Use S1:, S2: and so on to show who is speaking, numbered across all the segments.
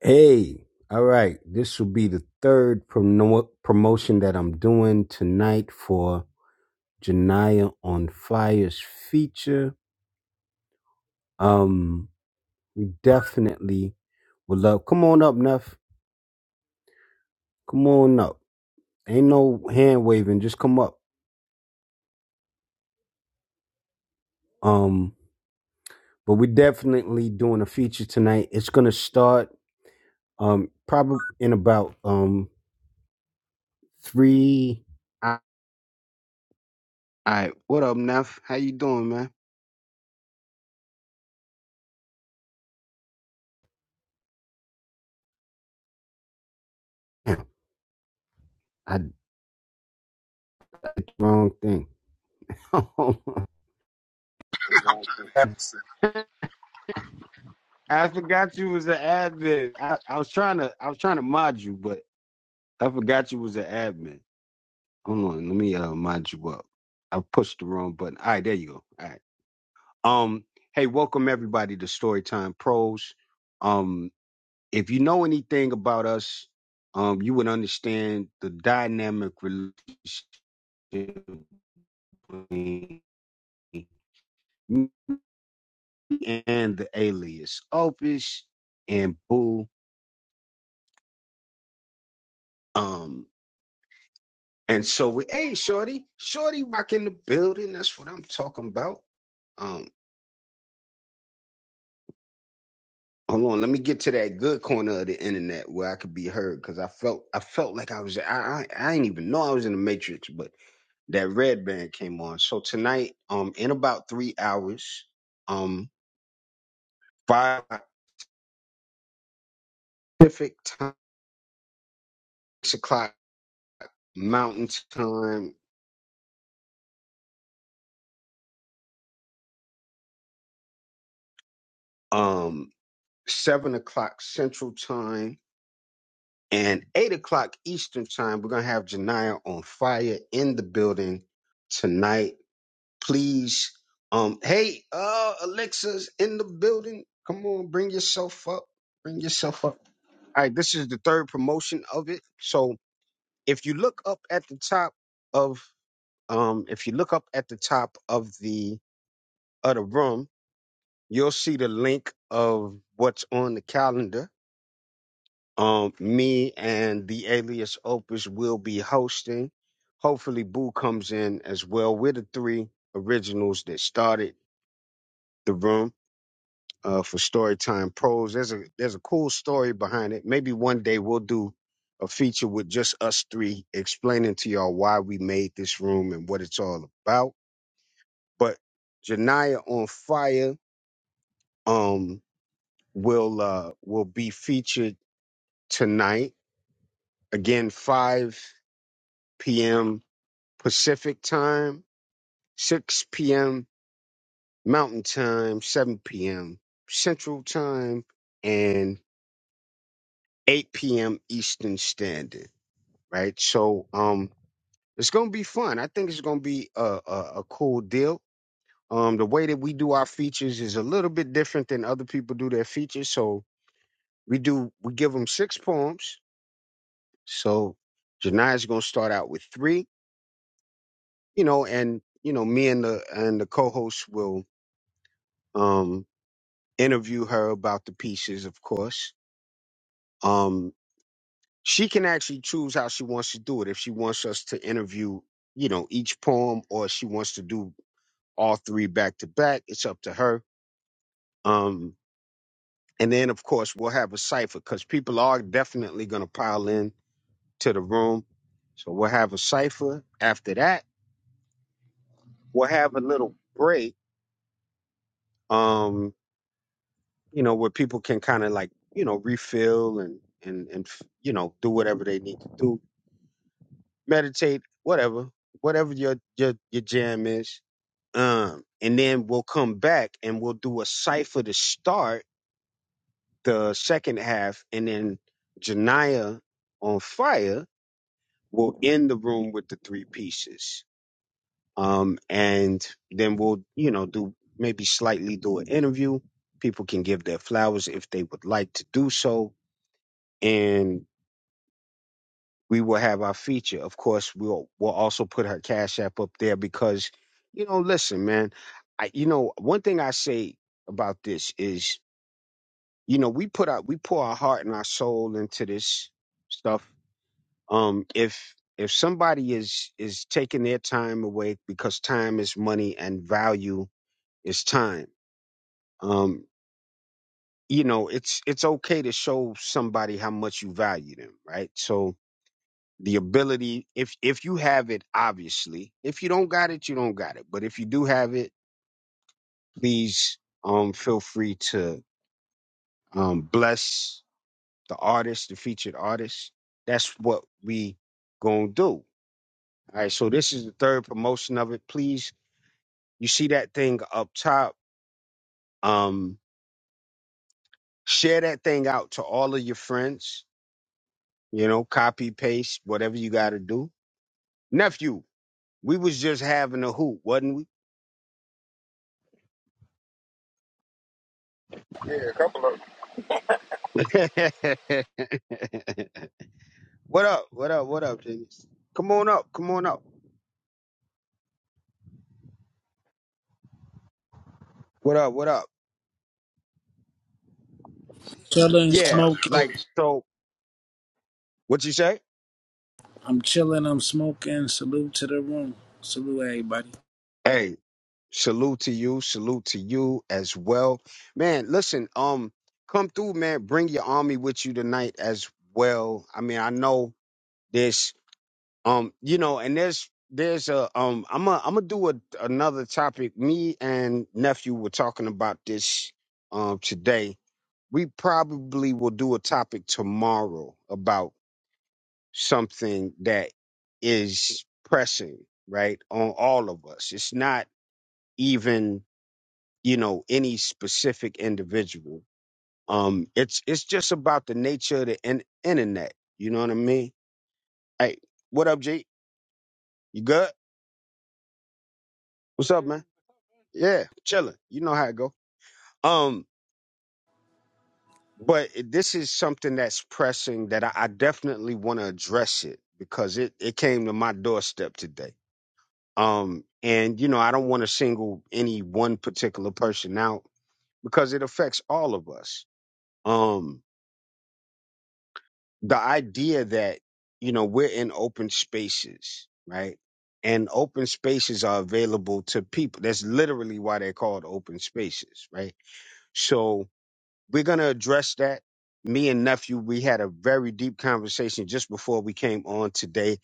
S1: Hey, all right. This will be the third promo- promotion that I'm doing tonight for Janaya on Fire's feature. Um, we definitely would love. Come on up, Neff. Come on up. Ain't no hand waving. Just come up. Um, but we're definitely doing a feature tonight. It's gonna start um probably in about um three. All right. What up, Neff? How you doing, man? Damn, I wrong thing. I forgot you was an admin. I, I was trying to I was trying to mod you, but I forgot you was an admin. Hold on, let me uh mod you up. I pushed the wrong button. All right, there you go. All right. Um, hey, welcome everybody to Storytime Pros. Um, if you know anything about us, um, you would understand the dynamic relationship between me and the alias Opus and Boo. Um, And so we, hey, Shorty, Shorty rocking the building. That's what I'm talking about. Um, hold on, let me get to that good corner of the internet where I could be heard because I felt I felt like I was I, I I didn't even know I was in the matrix, but that red band came on. So tonight, um, in about three hours, um, five Pacific time, six o'clock Mountain time, um, seven o'clock Central time And eight o'clock Eastern time, we're gonna have Janiyah on fire in the building tonight. Please, um, hey, uh, Alexa's in the building. Come on, bring yourself up. Bring yourself up. All right, this is the third promotion of it. So if you look up at the top of, um, if you look up at the top of the of the room, you'll see the link of what's on the calendar Um, me and the alias Opus will be hosting. Hopefully, Boo comes in as well. We're the three originals that started the room uh, for Storytime Pros. There's a there's a cool story behind it. Maybe one day we'll do a feature with just us three explaining to y'all why we made this room and what it's all about. But Janaya on Fire um will uh will be featured tonight again 5 p.m Pacific Time, 6 p.m. Mountain Time, 7 p.m. Central Time, and 8 p.m. Eastern Standard. Right. So um, it's gonna be fun. I think it's gonna be a, a, a cool deal. Um, the way that we do our features is a little bit different than other people do their features. So we do we give them six poems. So Jania's gonna start out with three, you know, and you know me and the and the co-hosts will um. interview her about the pieces, of course. Um, she can actually choose how she wants to do it. If she wants us to interview, you know, each poem or she wants to do all three back to back, it's up to her. Um, and then, of course, we'll have a cipher because people are definitely going to pile in to the room. So we'll have a cipher. After that, we'll have a little break, um, you know, where people can kind of like, you know, refill and, and, and, you know, do whatever they need to do meditate, whatever, whatever your your your jam is. Um, and then we'll come back and we'll do a cipher to start the second half, and then Janaya on fire will end the room with the three pieces. Um, and then we'll you know do maybe slightly do an interview. People can give their flowers if they would like to do so, and. we will have our feature. Of course, we'll we'll also put her cash app up there because, you know, listen, man, I you know one thing I say about this is, you know, we put out we pour our heart and our soul into this stuff. Um, if if somebody is is taking their time away because time is money and value is time, um, you know, it's it's okay to show somebody how much you value them, right? So the ability if if you have it obviously if you don't got it you don't got it but if you do have it please um feel free to um bless the artist the featured artist that's what we gonna do all right so this is the third promotion of it please you see that thing up top um share that thing out to all of your friends you know copy paste whatever you gotta do nephew we was just having a hoot wasn't we What up? What up? What up, Genius? Come on up. Come on up. What up? What up?
S2: Chilling,
S1: Yeah,
S2: smoking.
S1: like so. What you say?
S2: I'm chilling. I'm smoking. Salute to the room. Salute everybody.
S1: Hey, salute to you. Salute to you as well, man. Listen, um, come through, man. Bring your army with you tonight as well. I mean, I know this, um, you know, and there's there's a um, I'm a I'm gonna do a, another topic. Me and nephew were talking about this um today. We probably will do a topic tomorrow about. something that is pressing, right, on all of us. It's not even, you know, any specific individual. Um, it's it's just about the nature of the in- internet. You know what I mean? Hey, what up, G? You good? What's up, man? Yeah, chilling. You know how it go. Um, but it- this is something that's pressing that I, I definitely want to address it because it it came to my doorstep today Um, and you know, I don't want to single any one particular person out because it affects all of us. Um, the idea that, you know, we're in open spaces, right? And open spaces are available to people. That's literally why they're called open spaces, right? So we're going to address that. Me and nephew, we had a very deep conversation just before we came on today,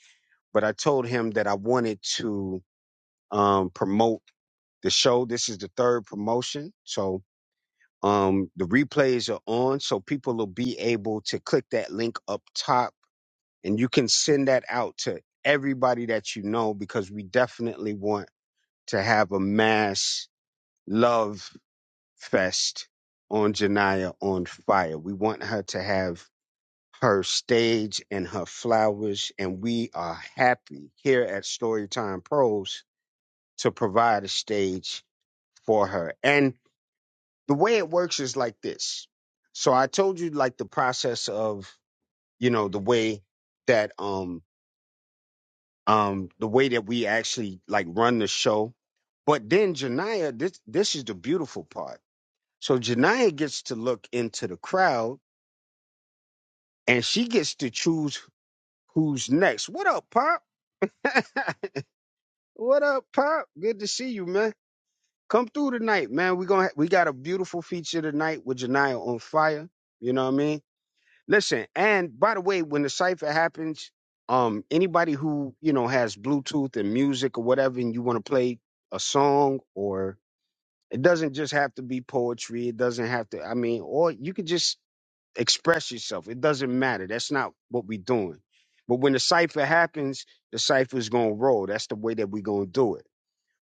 S1: but I told him that I wanted to um, promote the show. This is the third promotion. So um the replays are on so people will be able to click that link up top and you can send that out to everybody that you know because we definitely want to have a mass love fest on Janaya on fire. We want her to have her stage and her flowers and we are happy here at Storytime Pros to provide a stage for her. And the way it works is like this. So I told you like the process of, you know, the way that um um the way that we actually like run the show. But then Janaya, this this is the beautiful part. So Janaya gets to look into the crowd and she gets to choose who's next. What up, Pop? what up, Pop? Good to see you, man. Come through tonight, man. We gonna ha- we got a beautiful feature tonight with Janaya on fire. You know what I mean? Listen, and by the way, when the cipher happens, um, anybody who you know has Bluetooth and music or whatever, and you want to play a song, or it doesn't just have to be poetry. It doesn't have to. I mean, or you could just express yourself. It doesn't matter. That's not what we're doing. But when the cipher happens, the cipher is gonna roll. That's the way that we're gonna do it.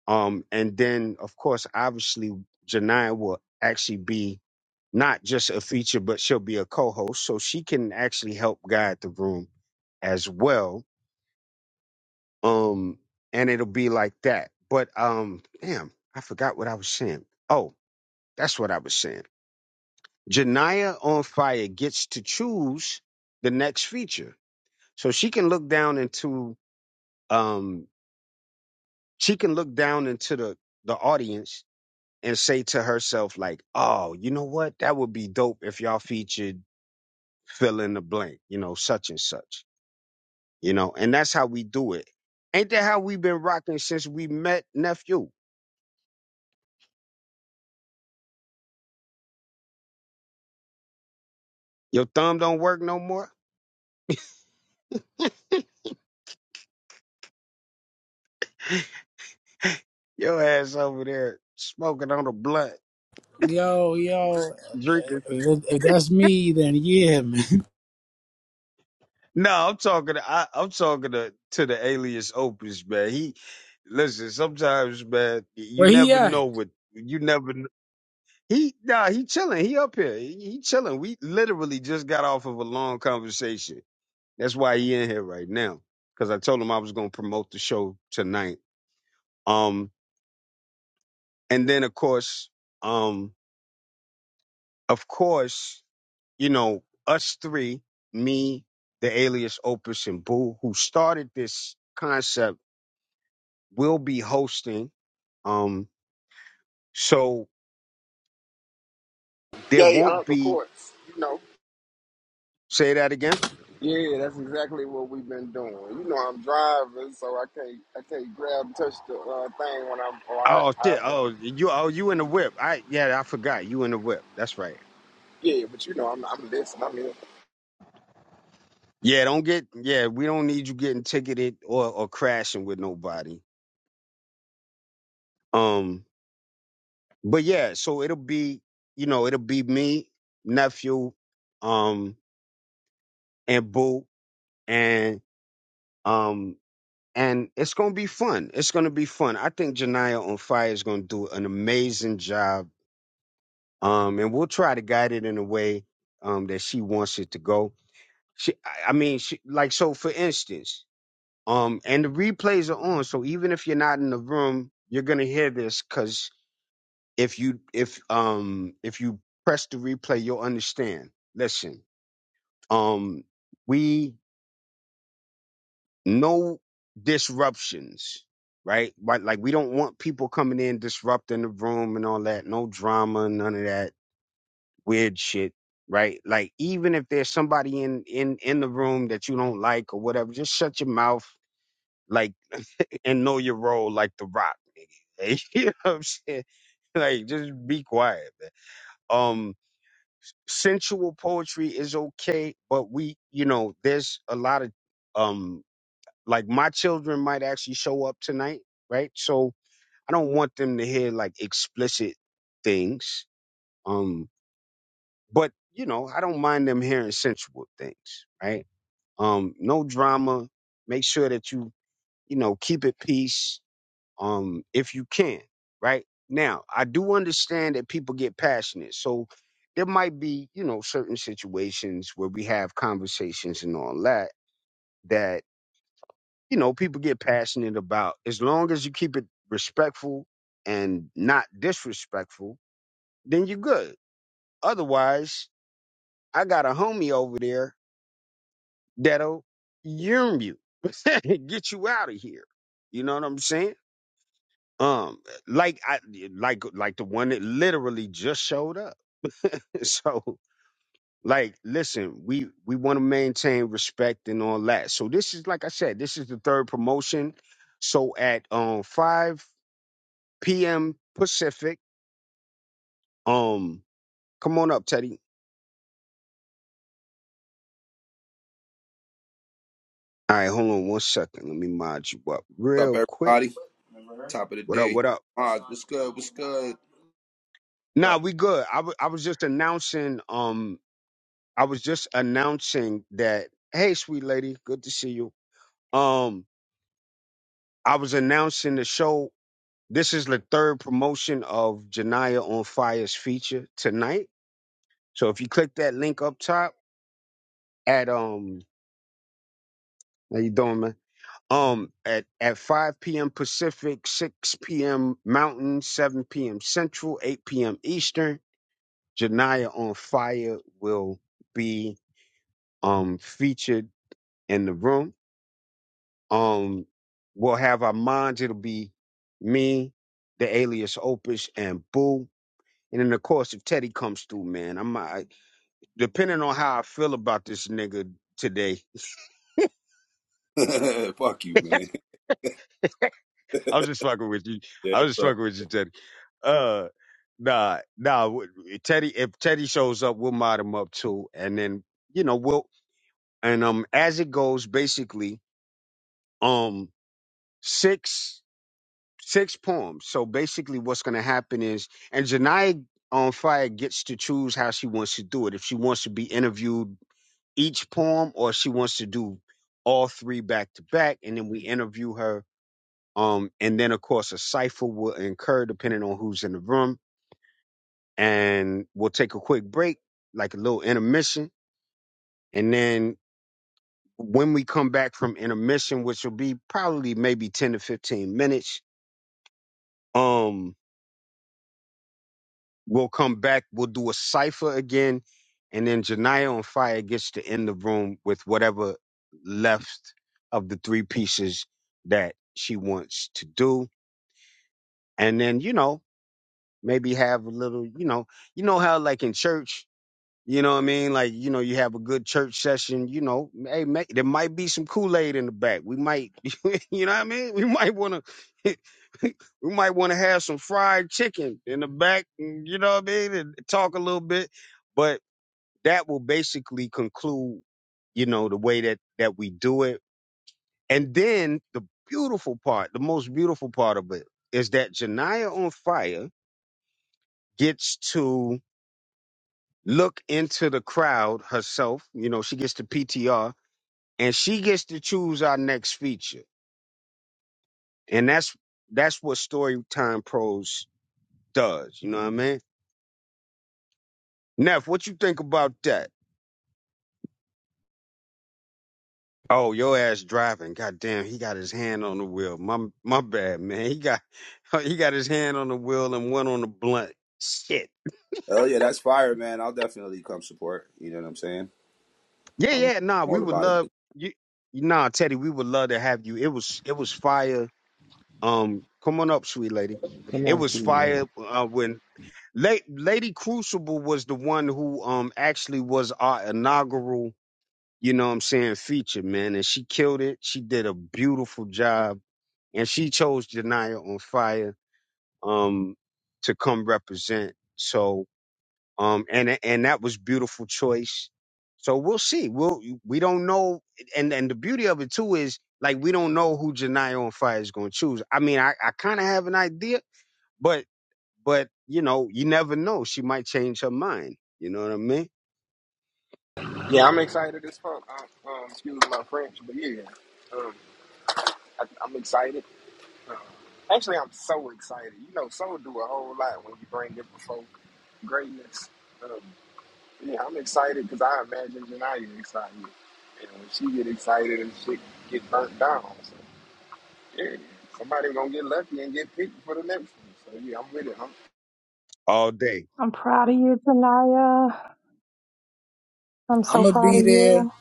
S1: Um, and then, of course, obviously, Janaya will actually be not just a feature, but she'll be a co-host, so she can actually help guide the room as well. Um, and it'll be like that. But um, damn, I forgot what I was saying. Oh, that's what I was saying. Janaya on Fire gets to choose the next feature, so she can look down into um, she can look down into the the audience and say to herself like, "Oh, you know what? That would be dope if y'all featured fill in the blank, you know, such and such." You know, and that's how we do it. Ain't that how we been rocking since we met, nephew? Your thumb don't work no more. Your ass over there smoking on a blunt,
S2: Yo, yo.
S1: drinking.
S2: If, if that's me, then yeah, man.
S1: No, I'm talking. To, I, I'm talking to to the alias Opus man. He listen. Sometimes, man, you
S2: Where he
S1: never
S2: at?
S1: know what you never. He nah, he chilling. He up here. He, he chilling. We literally just got off of a long conversation. That's why he in here right now. Cause I told him I was gonna promote the show tonight. Um, and then of course, um, of course, you know, us three, me, the alias Opus and Boo, who started this concept, will be hosting. Um, so there won't be say that again. Oh shit! Oh, you oh you in the whip? I yeah, I forgot you in the whip. That's right. Yeah, don't get yeah. We don't need you getting ticketed or or crashing with nobody. Um, but yeah, so it'll be you know it'll be me, nephew, um, and boo, and um, and it's gonna be fun. It's gonna be fun. I think Janiyah on Fire is gonna do an amazing job. Um, and we'll try to guide it in a way um that she wants it to go She, I I mean, she, like so. For instance, um, and the replays are on, so even if you're not in the room, you're gonna hear this because if you if um if you press the replay, you'll understand. Listen, um, we no disruptions, right? But like we don't want people coming in disrupting the room and all that. No drama, none of that weird shit. Right, like even if there's somebody in in in the room that you don't like or whatever, just shut your mouth like. and know your role like the rock. you know what I'm saying? Like just be quiet. Um sensual poetry is okay, but we you know, there's a lot of um like my children might actually show up tonight, right? So I don't want them to hear like explicit things. Um but you know, I don't mind them hearing sensual things, right? Um no drama. Make sure that you, you know, keep it peace um, if you can, right? Now, I do understand that people get passionate. So there might be, you know, certain situations where we have conversations and all that, that, you know, people get passionate about. As long as you keep it respectful and not disrespectful, then you're good. Otherwise, I got a homie over there that'll yearn you, get you out of here. You know what I'm saying? Um, like I like like the one that literally just showed up. so like listen we we want to maintain respect and all that so this is like i said this is the third promotion so at um 5 p.m pacific um come on up teddy all right hold on one second let me mod you up
S3: What's
S1: real
S3: up,
S1: quick
S3: everybody? Top of the
S1: what up
S3: day.
S1: what up
S3: Maj, what's good? What's good?
S1: nah we good I wa- I was just announcing um i was just announcing that hey sweet lady good to see you um I was announcing the show. This is the third promotion of Janaya on Fire's feature tonight. So if you click that link up top at um how you doing, man? Um at, at 5 p.m. Pacific, 6 p.m. Mountain, 7 p.m. Central, 8 p.m. Eastern, Janaya on Fire will be um featured in the room. Um we'll have our minds, it'll be me, the alias Opus, and Boo And then of course, if Teddy comes through, man, I'm I, depending on how I feel about this nigga today.
S3: Fuck you, man.
S1: I was just fucking with you.
S3: yeah,
S1: I was just
S3: so.
S1: fucking with you, Teddy. Uh, nah, nah. w- Teddy, if Teddy shows up, we'll mod him up too, and then you know we'll and um as it goes, basically, um six six poems. So basically, what's gonna happen is, and Janaya on fire gets to choose how she wants to do it. If she wants to be interviewed each poem or she wants to do all three back to back and then we interview her um and then of course a cipher will incur depending on who's in the room and we'll take a quick break like a little intermission and then when we come back from intermission which will be probably maybe 10 to 15 minutes um We'll come back. We'll do a cipher again, and then Janiyah on fire gets to end the room with whatever left of the three pieces that she wants to do, and then you know maybe have a little, you know, you know how like in church you know what I mean? Like, you know, you have a good church session, you know, hey, ma there might be some Kool-Aid in the back. We might, you know what I mean? We might want to, we might want to have some fried chicken in the back, and, you know what I mean? And talk a little bit, but that will basically conclude, you know, the way that, that we do it. And then the beautiful part, the most beautiful part of it is that Janiyah on fire gets to look into the crowd herself. You know, she gets the PTR and she gets to choose our next feature. And that's that's what Storytime Pros does. You know what I mean? Neff, what you think about that? Oh, your ass driving. God damn, he got his hand on the wheel. My my bad, man. He got he got his hand on the wheel and one on the blunt. Shit.
S3: Hell yeah, that's fire, man. I'll definitely come support. You know what I'm saying?
S1: Yeah,
S3: I'm
S1: yeah, nah, we
S3: all
S1: would
S3: about
S1: love
S3: it.
S1: you nah, Teddy, we would love to have you. It was it was fire Um, come on up, sweet lady. It was fire uh, when La- Lady Crucible was the one who um actually was our inaugural, you know what I'm saying, feature, man. And she killed it. She did a beautiful job. And she chose Janiyah on fire um to come represent. So um and and that was beautiful choice. So we'll see. We'll we don't know and and the beauty of it too is like we don't know who Janiyah on fire is gonna choose. I mean I, I kinda have an idea but but you know, you never know. She might change her mind. You know what I mean? All day.
S4: I'm proud of you, Tanaya. I'm so
S2: I'ma
S4: proud
S2: be
S4: of
S2: there.
S4: you.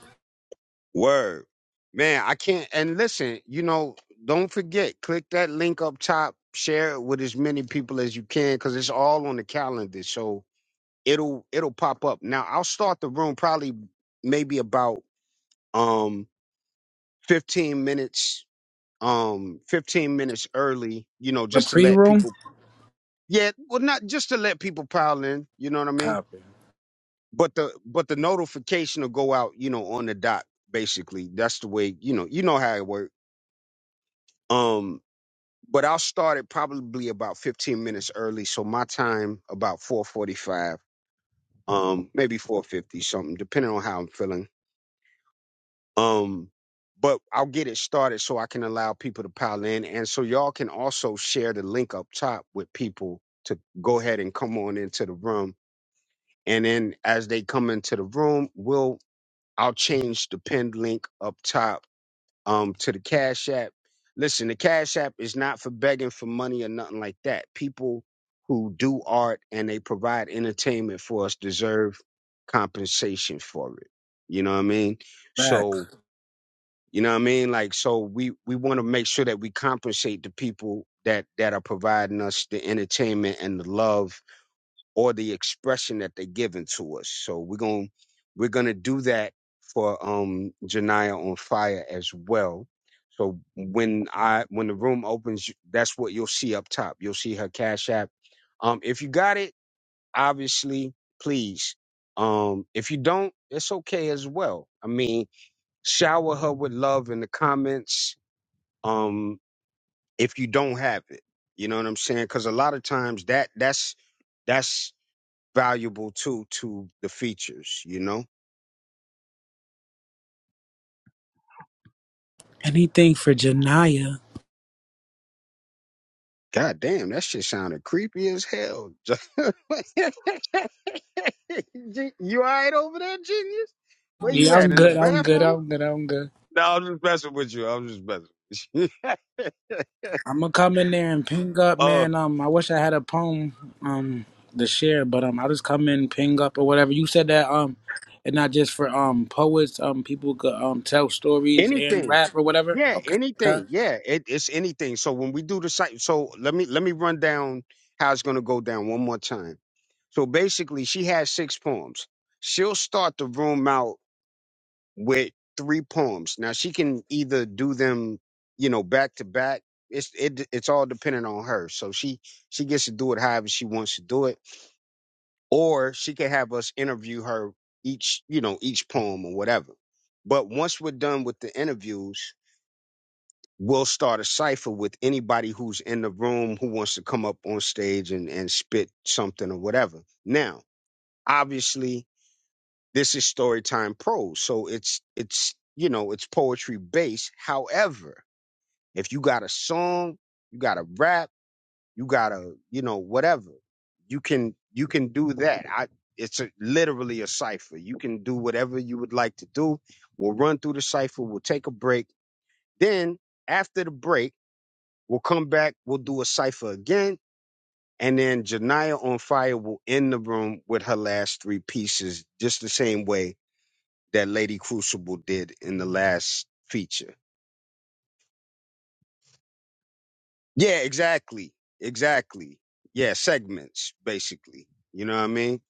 S1: Word. Man, I can't and listen, you know, don't forget, click that link up top, share it with as many people as you can, because it's all on the calendar. So it'll it'll pop up. Now I'll start the room probably maybe about um 15 minutes um 15 minutes early, you know,
S2: The
S1: just to let
S2: pre-room.
S1: people yeah, well not just to let people pile in, you know what I mean?
S2: Copy.
S1: but the but the notification will go out you know on the dot basically that's the way you know you know how it works um but i'll start it probably about 15 minutes early so my time about 445 um maybe 450 something depending on how i'm feeling um but i'll get it started so i can allow people to pile in and so y'all can also share the link up top with people to go ahead and come on into the room and then as they come into the room, we'll I'll change the pinned link up top um to the Cash App. Listen, the Cash App is not for begging for money or nothing like that. People who do art and they provide entertainment for us deserve compensation for it. You know what I mean?
S2: Back.
S1: So, you know what I mean? Like so we we want to make sure that we compensate the people that that are providing us the entertainment and the love or the expression that they're giving to us. So we're going to we're going to do that for um Janiyah on fire as well. So when I when the room opens, you- that's what you'll see up top. You'll see her cash app. Um if you got it, obviously, please. Um if you don't, it's okay as well. I mean, shower her with love in the comments um if you don't have it. You know what I'm saying? Cuz a lot of times that that's that's valuable too to the features, you know?
S2: Anything for Janaya?
S1: God damn, that shit sounded creepy as hell. G- you all right over there, genius? Where you
S2: Yeah, I'm
S1: at? In the
S2: good. I'm good.
S1: bathroom?
S2: I'm good. I'm good.
S1: No, I'm just messing with you. I'm just messing with you.
S2: I'm gonna come in there and ping up,
S1: uh,
S2: man. Um, I wish I had a poem um to share, but um, I'll just come in, ping up or whatever. You said that um, and not just for um poets. Um, people could um tell stories and
S1: anything.
S2: rap or whatever.
S1: Yeah,
S2: Okay. okay.
S1: anything. Yeah, it, it's anything. So when we do the site, so let me let me run down how it's gonna go down one more time. So basically, she has six poems. She'll start the room out with three poems. Now she can either do them, you know, back to back. It's it it's all dependent on her. So she she gets to do it however she wants to do it, or she can have us interview her each, you know, each poem or whatever. But once we're done with the interviews, we'll start a cipher with anybody who's in the room who wants to come up on stage and and spit something or whatever. Now, obviously, this is Storytime Pro, so it's it's you know it's poetry based. However, if you got a song, you got a rap, you got a you know whatever, you can you can do that. I it's a, literally a cipher. You can do whatever you would like to do. We'll run through the cipher. We'll take a break. Then after the break, we'll come back. We'll do a cipher again. And then Janiyah on Fire will end the room with her last three pieces, just the same way that Lady Crucible did in the last feature. Yeah, exactly. Exactly. Yeah, segments, basically. You know what I mean?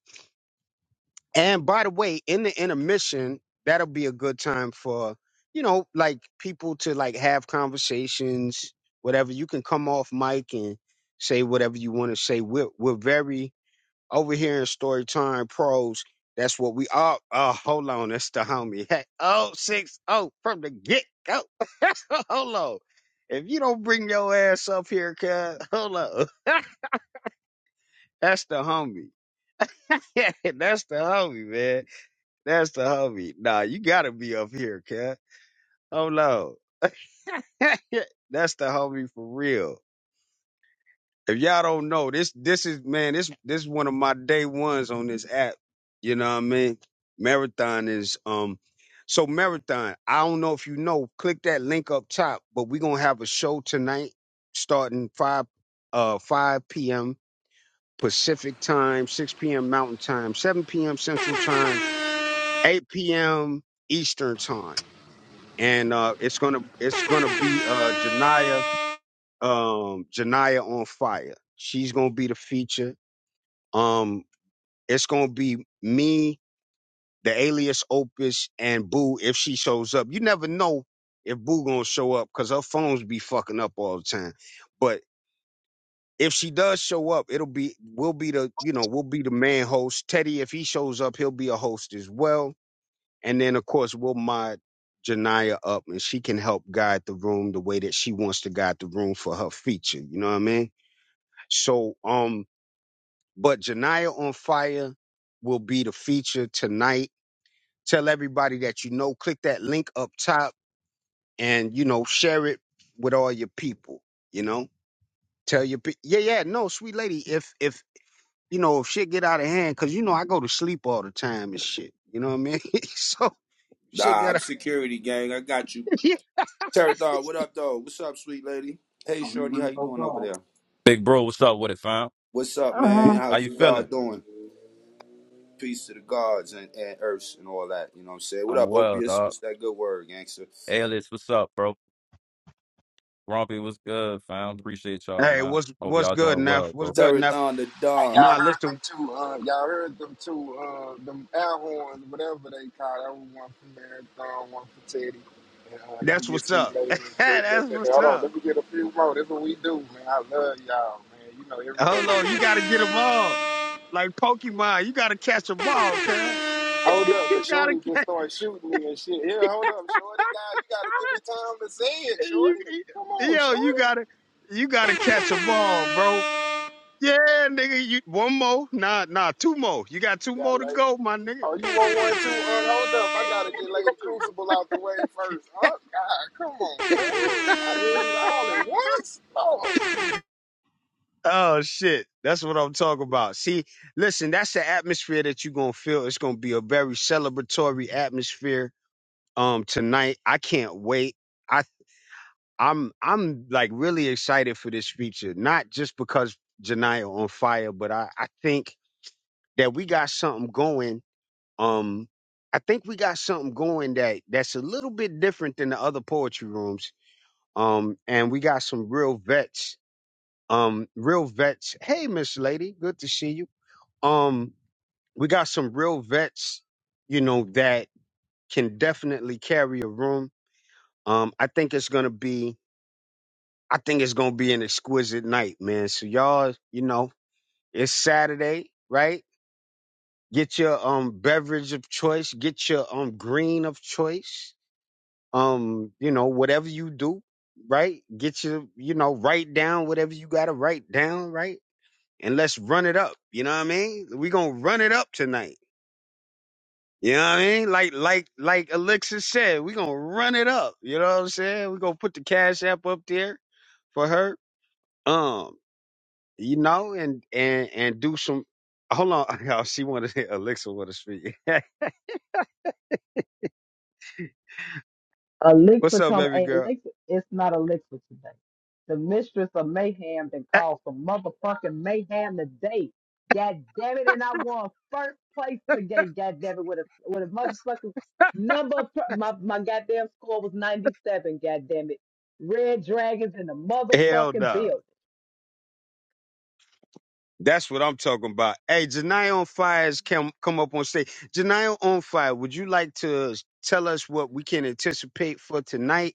S1: And by the way, in the intermission, that'll be a good time for, you know, like people to like have conversations, whatever. You can come off mic and say whatever you want to say. We're we're very over here in Storytime Pros. That's what we are. Oh, hold on. That's the homie. Hey, oh, six, oh, from the get go. hold on. If you don't bring your ass up here, cuz, hold on. That's the homie. Yeah, that's the homie, man. That's the homie. Nah, you gotta be up here, cuz. Hold on. that's the homie for real. If y'all don't know, this this is man, this this is one of my day ones on this app. You know what I mean? Marathon is um so marathon, I don't know if you know, click that link up top, but we're gonna have a show tonight starting five uh five PM Pacific time, six PM Mountain time, seven PM Central Time, eight PM Eastern time. And uh it's gonna it's gonna be uh Janaya um Janaya on fire. She's gonna be the feature um, it's gonna be me, the alias Opus, and Boo if she shows up. You never know if Boo gonna show up because her phones be fucking up all the time. But if she does show up, it'll be we'll be the you know we'll be the main host. Teddy, if he shows up, he'll be a host as well. And then of course we'll mod Janaya up, and she can help guide the room the way that she wants to guide the room for her feature. You know what I mean? So um But Janiyah on Fire will be the feature tonight. Tell everybody that you know. Click that link up top and, you know, share it with all your people, you know? Tell your pe- Yeah, yeah, no, sweet lady, if if you know, if shit get out of hand cuz you know I go to sleep all the time and shit. You know what I mean? so shit
S3: Nah,
S1: got
S3: I'm
S1: out
S3: security gang. I got you.
S1: Yeah.
S3: Terry Dog, what up, though? What's up, sweet lady? Hey, shorty, how you doing over there? What's up, man?
S4: Um,
S3: How's the God doing? Peace to the gods and, and earths and all that. You know what I'm saying? What up, Opius? What's that good word, gangster?
S1: Hey, what's what's good, Neff? What's good,
S3: Terry
S1: Neff?
S3: Don the Don.
S1: Nah, listen, that's what's up. that's what's up. Hold on, you gotta get them all. Like Pokemon, you gotta catch them all, cuz. You gotta catch, you, you- yo, you gotta, you gotta catch them all, bro. Yeah, nigga, you, one more? Nah, nah, two more. You got two more to go, my nigga. Oh shit, that's what I'm talking about. See, listen, that's the atmosphere that you're gonna feel. It's gonna be a very celebratory atmosphere um tonight. I can't wait. I. I'm I'm like really excited for this feature, not just because Janiyah on fire, but I, I think that we got something going. Um I think we got something going that that's a little bit different than the other poetry rooms. Um and we got some real vets. Um real vets. Hey Miss Lady, good to see you. Um we got some real vets, you know, that can definitely carry a room. Um, I think it's gonna be I think it's gonna be an exquisite night, man. So y'all, you know, it's Saturday, right? Get your um beverage of choice, get your um green of choice, um, you know, whatever you do, right? Get your, you know, write down whatever you gotta write down, right? And let's run it up. You know what I mean? we gonna run it up tonight. You know what I mean? Like like like Alexa said, we gonna run it up. You know what I'm saying? we gonna put the cash app up there for her. um, you know, and and and do some. Hold on, y'all. She wanted to elixir want to speak. What's
S5: Alexa
S1: up,
S5: come
S1: baby
S5: hey
S1: girl?
S5: Alexa it's not Alexa today. The mistress of mayhem that caused some motherfucking mayhem today. God damn it, and I won first place today, god damn it, with a with a motherfucking number of pr- my, my goddamn score was 97, god damn it. Red Dragons in the
S1: Hell
S5: motherfucking
S1: no.
S5: building.
S1: That's what I'm talking about. Hey, Janai on fire has come come up on stage. Janai on fire. Would you like to tell us what we can anticipate for tonight,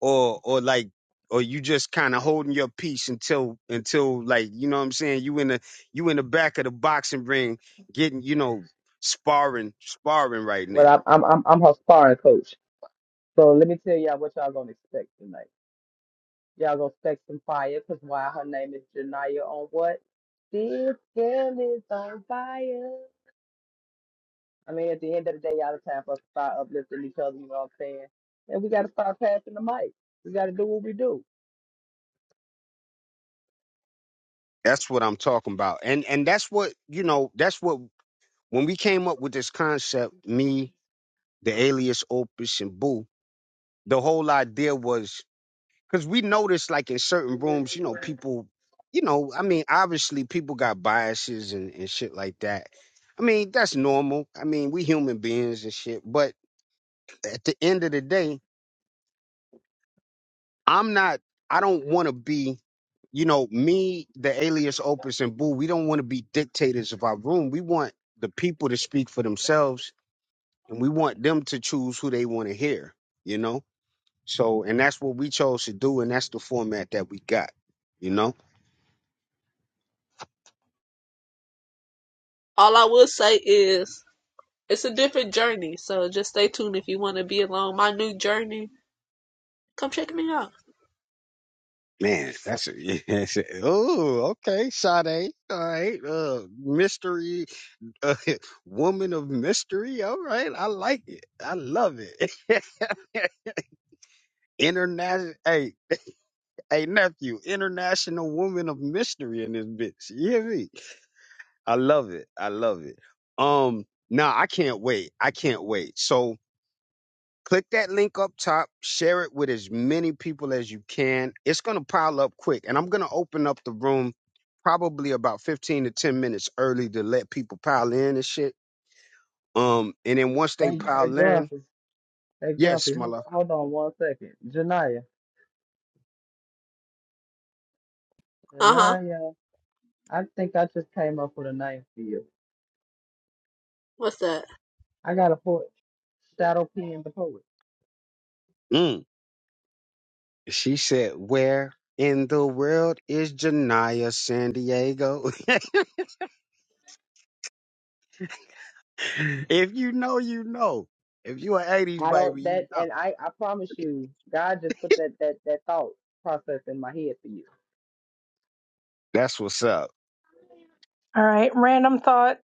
S1: or or like, or you just kind of holding your peace until until like you know what I'm saying? You in the you in the back of the boxing ring getting you know sparring sparring right
S5: Well,
S1: now.
S5: I'm I'm I'm I'm her sparring coach. So let me tell y'all what y'all gonna expect tonight. Y'all gonna spec some fire, cause why her name is Janaya on what? This girl is on fire. I mean, at the end of the day, y'all, it's time for us to start uplifting each other. You know what I'm saying? And we gotta start passing the mic. We gotta do what we do.
S1: That's what I'm talking about. And and that's what, you know, that's what when we came up with this concept, me, the alias Opus and Boo, the whole idea was because we noticed like in certain rooms, you know, people, you know, I mean, obviously people got biases and, and shit like that. I mean, that's normal. I mean, we human beings and shit. But at the end of the day, I'm not, I don't want to be, you know, me, the alias Opus and Boo, we don't want to be dictators of our room. We want the people to speak for themselves and we want them to choose who they want to hear, you know? So, and that's what we chose to do and that's the format that we got, you know?
S6: All I will say is it's a different journey, so just stay tuned if you want to be along my new journey. Come check me out.
S1: Man, that's a, yes. oh, okay, Sade. All right. Uh, mystery, uh, woman of mystery. All right. I like it. I love it. international. Hey. Hey nephew, international woman of mystery in this bitch. You hear me? I love it. I love it. Um, now I can't wait. I can't wait. So click that link up top, share it with as many people as you can. It's gonna pile up quick, and I'm gonna open up the room probably about 15 to 10 minutes early to let people pile in and shit. Um, and then once they
S5: Hey, hey,
S1: pile in,
S5: Grumpy. Hey, Grumpy.
S1: yes, my
S5: Hold
S1: love.
S5: on, hold on one second. Janaya.
S6: Uh huh.
S5: Janaya. I think I just came up with a name for you.
S6: What's that?
S5: I got a poet. Shadow Pen the poet.
S1: Mm. She said, Where in the world is Janaya San Diego? if you know, you know. If you an 80s
S5: I don't
S1: baby, you
S5: that,
S1: know.
S5: and I I promise you, God just put that that that thought process in my head for you.
S1: That's what's up.
S4: all right, random thought.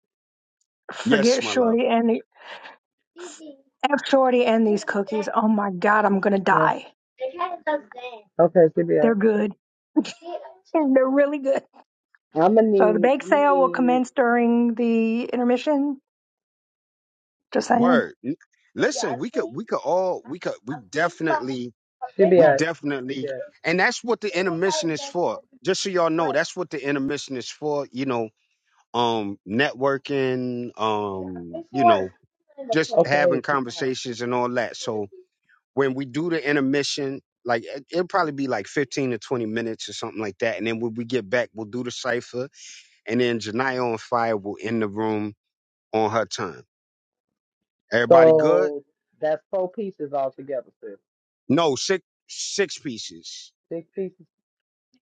S1: Yes,
S4: Forget
S1: my love.
S4: Shorty and the F Shorty and these cookies. Oh my God, I'm gonna
S5: Huh?
S4: die.
S5: Okay, she be
S4: They're
S5: out.
S4: good. They're really good.
S5: I'm gonna
S4: So the
S5: need.
S4: bake
S5: I'm gonna
S4: sale will
S5: need.
S4: commence during the intermission. Just saying,
S1: Word. N- Listen, we could we could all we could we definitely
S5: she be
S1: we
S5: out. she
S1: definitely
S5: be
S1: and that's what the intermission is for. Just so y'all know, that's what the intermission is for, you know, um networking, um, you know,
S5: out.
S1: just
S5: Okay,
S1: having
S5: she's fine.
S1: conversations and all that. So when we do the intermission, like it- it'll probably be like 15 to 20 minutes or something like that. And then when we get back, we'll do the cipher and then Janiyah on fire will end the room on her time. Everybody good?
S5: So that's four pieces altogether, sis.
S1: No, six six pieces.
S5: Six pieces.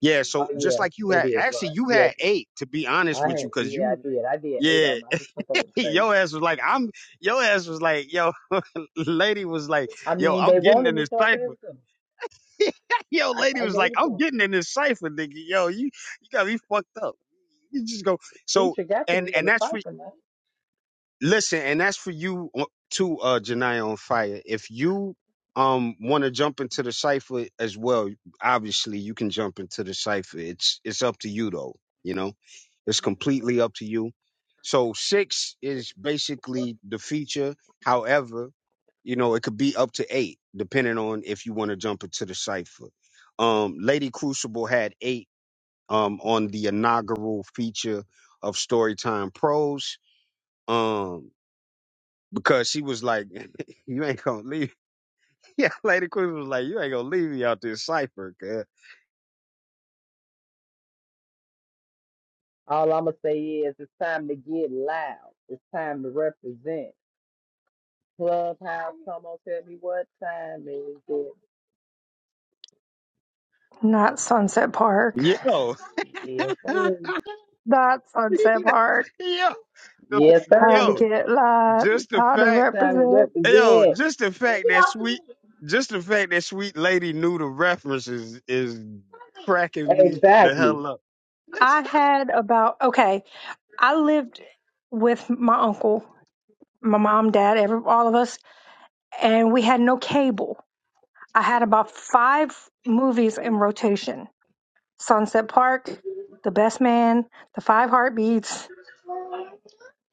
S1: Yeah,
S5: Oh
S1: so just
S5: yeah,
S1: like you
S5: that
S1: had
S5: is
S1: actually
S5: right.
S1: you
S5: Yeah,
S1: had eight to be honest
S5: I
S1: with
S5: had.
S1: you, cause
S5: Yeah, I
S1: you
S5: did. I did eight
S1: yeah,
S5: of them. I just took them to say.
S1: your ass was like, I'm your ass was like, yo, lady was like,
S5: I
S1: yo,
S5: mean, they
S1: I'm getting
S5: wanted
S1: in
S5: me,
S1: this
S5: so I gave
S1: cipher.
S5: it to them.
S1: yo,
S5: I,
S1: lady
S5: I
S1: was
S5: gave
S1: like,
S5: it to
S1: I'm
S5: them.
S1: getting in this cipher, nigga. Yo, you you got me fucked up. You just go so
S5: Feature got to
S1: and
S5: be in
S1: and
S5: the
S1: that's
S5: cycle, man.
S1: Listen, and that's for you o- too, uh, Janiyah on fire. If you um want to jump into the cipher as well, obviously you can jump into the cipher. It's it's up to you though. You know, it's completely up to you. So six is basically the feature. However, you know it could be up to eight, depending on if you want to jump into the cipher. Um, Lady Crucible had eight um on the inaugural feature of Storytime Pros. Um, because she was like, "You ain't gonna leave." Yeah, Lady Queen was like, "You ain't gonna leave me out this cipher, cuz."
S5: All I'm gonna say is it's time to get loud. It's time to represent. Clubhouse, come on, tell me what time it is.
S4: not Sunset Park.
S1: yo,
S5: Yes, sir.
S1: yo,
S4: Not Sunset Park.
S1: the f-
S5: Yes,
S4: Time to
S1: yo,
S5: sir.
S4: get live.
S1: just the
S4: Time to
S1: fact,
S5: Time to
S4: represent.
S1: yo,
S5: represent.
S1: just the fact that sweet, just the fact that sweet lady knew the references is cracking me the
S5: Exactly.
S1: hell up.
S4: I had about okay. I lived with my uncle, my mom, dad, every all of us and we had no cable. I had about five movies in rotation Sunset Park, The Best Man, The Five Heartbeats.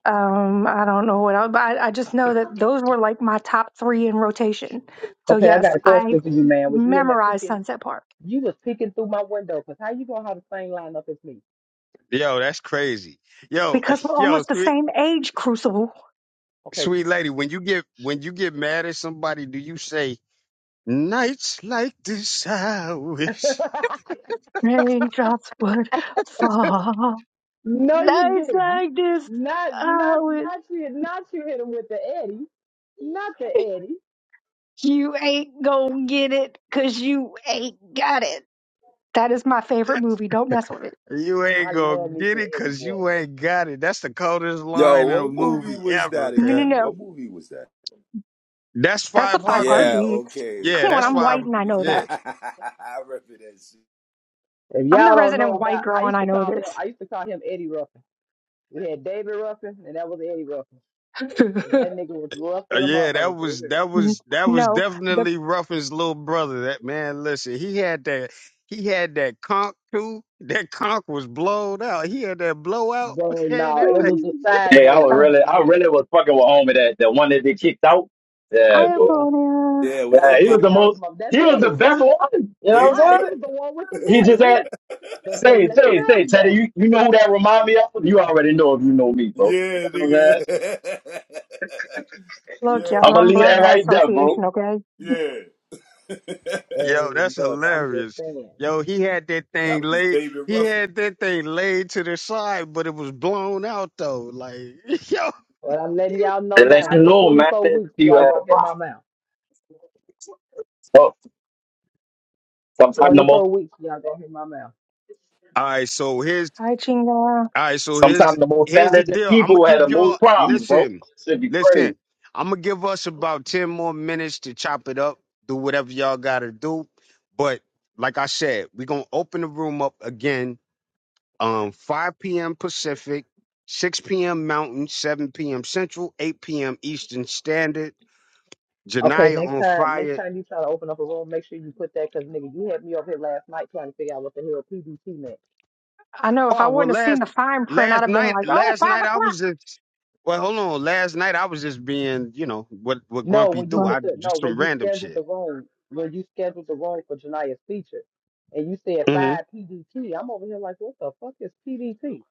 S4: Um, I don't know what else, but I, I just know that those were like my top three in rotation. So,
S5: Okay, I
S4: yes,
S5: got a
S4: I
S5: question for you, man. Was you in there
S4: memorized
S5: peeking?
S4: Sunset Park
S5: You was peeking through my window, because how you gonna have the same lineup as me?
S1: Yo, that's crazy. Yo,
S4: because we're
S1: yo,
S4: almost the
S1: sweet,
S4: same age, Crucible.
S5: Okay.
S1: sweet lady, when you get when you get mad at somebody, do you say nights like this? I wish.
S4: Raindrops would fall.
S5: no, you
S4: Nights
S5: didn't.
S4: like this,
S5: Not
S4: I
S5: not
S4: wish
S5: not you not you hit him with the Eddie. Not the Eddie.
S4: you ain't gonna get it because you ain't got it. That is my favorite movie. Don't mess with it.
S1: You ain't
S5: I
S1: gonna
S5: love me
S1: get
S5: some
S1: it
S5: Eddie
S1: 'cause
S5: boy.
S1: you ain't got it. That's the coldest
S3: Yo,
S1: line in a
S3: what movie
S1: movie
S3: was that
S1: ever,
S4: No, no,
S1: cuz.
S3: again?
S4: no.
S3: What movie was that?
S1: That's
S4: That's a
S1: five
S4: five
S3: Yeah,
S1: heartbeat.
S4: heartbeats.
S3: okay,
S1: Yeah,
S4: Come on,
S1: that's
S3: Five
S4: I'm
S1: five.
S4: white and I
S3: Heartbeats.
S4: know
S1: Yeah.
S4: that.
S3: I remember that shit.
S5: If
S4: I'm the
S5: y'all don't know
S4: resident white
S5: about I
S4: girl and
S5: used
S4: I
S5: to
S4: know
S5: call him
S4: this.
S5: I used to call him Eddie Ruffin. We had David Ruffin and that was Eddie Ruffin. But that nigga was rough
S1: Uh,
S5: than a
S1: yeah, that
S5: motherfucker for
S1: was
S5: real.
S1: that
S4: N-
S1: was that was
S4: no, the,
S1: definitely Ruffin's little brother. That man, listen, he had that he had that conch too. That conch was blown out. He had that blowout.
S5: Bro,
S1: Man,
S5: no, it
S1: that
S5: was
S1: thing.
S5: the
S7: Hey, I
S5: sideway
S7: was
S5: walk
S4: the
S7: really,
S5: for
S7: I
S5: me.
S7: really was fucking with homie that the one that they kicked out. Yeah, bro.
S5: Yeah,
S4: Ioponia.
S3: Yeah,
S7: Yeah,
S3: was
S5: that was
S3: that
S7: he
S5: my,
S7: was
S3: David
S7: the
S5: that was
S7: most,
S5: my,
S7: he
S5: that's
S7: was the
S5: Eddie.
S7: best one. You know what
S3: David
S5: Right,
S7: I'm
S5: he
S3: Ruffin?
S7: saying?
S5: was the one with the
S7: He
S5: voice.
S7: just
S5: He was,
S7: had
S5: they
S7: say,
S5: couldn't let the
S7: say, say,
S5: drugs
S7: Teddy.
S5: go.
S7: You, you know who that remind me of? You already know if you know me, bro. You
S3: yeah,
S7: know what I'm saying?
S3: nigga.
S4: Look,
S3: yeah,
S7: I'm
S4: y'all,
S7: gonna
S4: I'm
S7: leave that
S4: black by
S7: right there, bro.
S4: association, okay?
S3: yeah.
S1: Yo,
S5: Hey,
S1: that's
S5: look, I'm just
S1: hilarious.
S5: saying.
S1: Yo, he had that
S3: that
S1: thing
S3: was
S1: laid.
S3: David
S1: He
S3: Ruffin.
S1: had that thing laid to the side, but it was blown out though. Like, yo,
S5: But I'm letting y'all know
S7: To let
S5: now,
S7: you
S5: for
S7: know, man,
S5: 24
S7: that
S5: weeks,
S7: you
S5: y'all
S7: had a
S5: gonna hit my
S7: problem.
S5: mouth.
S7: Well, sometimes the most,
S5: 24 weeks, y'all gonna hit my mouth.
S1: All right, so here's
S4: Hi, Chinga.
S1: all right, so here's
S7: sometimes
S1: the
S7: the most
S1: here's the
S7: talented
S1: deal. I'm gonna
S7: people had the
S1: give y'all
S7: most problems, bro.
S1: listen,
S7: Should be crazy.
S1: listen. I'm gonna give us about ten more minutes to chop it up, do whatever y'all gotta do. But like I said, we're gonna open the room up again, um, 5 p.m. Pacific, 6 p.m. Mountain, 7 p.m. Central, 8 p.m. Eastern Standard.
S5: Okay,
S1: Janaya
S5: next
S1: on
S5: time, next
S1: fire
S5: time you try to open up a room, make sure you put that, cause nigga, you had me up here last night trying to figure out what the hell PBT meant.
S4: I know if I
S1: Oh well,
S4: wouldn't have seen
S1: last
S4: the fine print, I'd
S1: last
S4: have been
S1: night,
S4: like, oh,
S1: last
S4: five
S1: night I
S4: o'clock.
S1: was just well, hold on. Last night I was just being, you know, what what
S5: No,
S1: Grumpy
S5: when you
S1: do.
S4: Well,
S1: I
S5: put the no,
S1: just
S5: when
S1: some
S5: you
S1: random
S5: scheduled
S1: shit.
S5: the room, when you scheduled the room for Janaya's feature, and you said
S1: hmm
S5: five PDT, I'm over here like, what the fuck is PDT?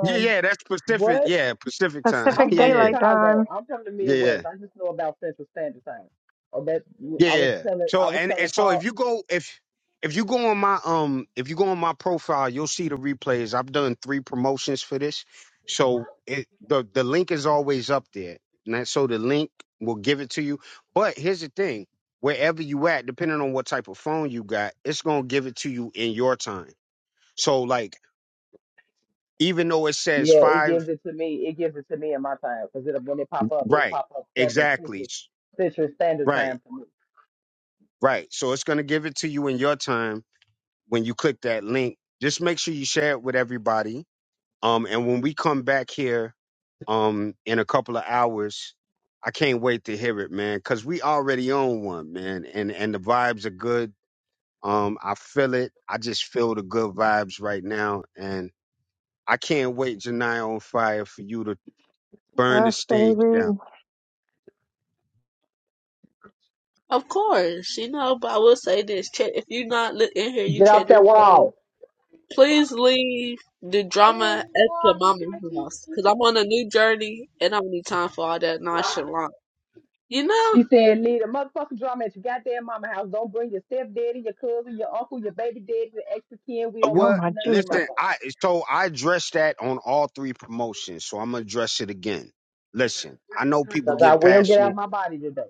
S1: Yeah, yeah, that's Pacific.
S5: what?
S1: Yeah, Pacific time.
S5: I'm
S4: Pacific
S1: Yeah,
S5: from
S1: yeah,
S4: Daylight
S5: Chicago.
S4: Time.
S5: I'm from the
S1: yeah, yeah.
S5: Midwest. I just know about Central Standard Time. Oh, that
S1: Yeah,
S5: I
S1: yeah.
S5: was
S1: yeah.
S5: telling, I
S1: So
S5: was
S1: and,
S5: telling
S1: and so if
S5: Paul.
S1: you go if if you go on my um if you go on my profile, you'll see the replays. I've done three promotions for this. So it the the link is always up there. And that- so the link will give it to you. But here's the thing. Wherever you at, depending on what type of phone you got, it's gonna give it to you in your time. So like even though it says
S5: Yeah, it gives
S1: five
S5: it to me. It gives it to me in my time because it when it pop up, it
S1: right,
S5: pop up seven
S1: exactly.
S5: Central Central Standard
S1: Right,
S5: Time for me.
S1: right. So it's gonna give it to you in your time when you click that link. Just make sure you share it with everybody. Um, and when we come back here, um, in a couple of hours, I can't wait to hear it, man, because we already own one, man, and and the vibes are good. Um, I feel it. I just feel the good vibes right now, and I can't wait, Janai on fire, for you to burn the
S4: Yes,
S1: stage
S4: baby.
S1: down.
S6: Of course, you know. But I will say this: if you're not li- in here, you
S5: Get off
S6: check your
S5: that
S6: way.
S5: wall.
S6: Please leave the drama at your mama's house, cause I'm on a new journey and I don't need time for all that nonchalant. You know,
S5: She said, leave the motherfucking drama at your goddamn mama house. Don't bring your stepdaddy, your cousin, your uncle, your baby daddy, your extra kin. We
S1: Uh,
S5: don't
S4: Oh,
S5: want to
S1: Well,
S4: my
S5: see none of them
S4: Jesus.
S1: listen, I
S5: motherfuckers.
S1: so I addressed that on all three promotions, so I'm gonna address it again. Listen, I know people
S5: Because I
S1: get
S5: will get
S1: passionate
S5: out of my body today.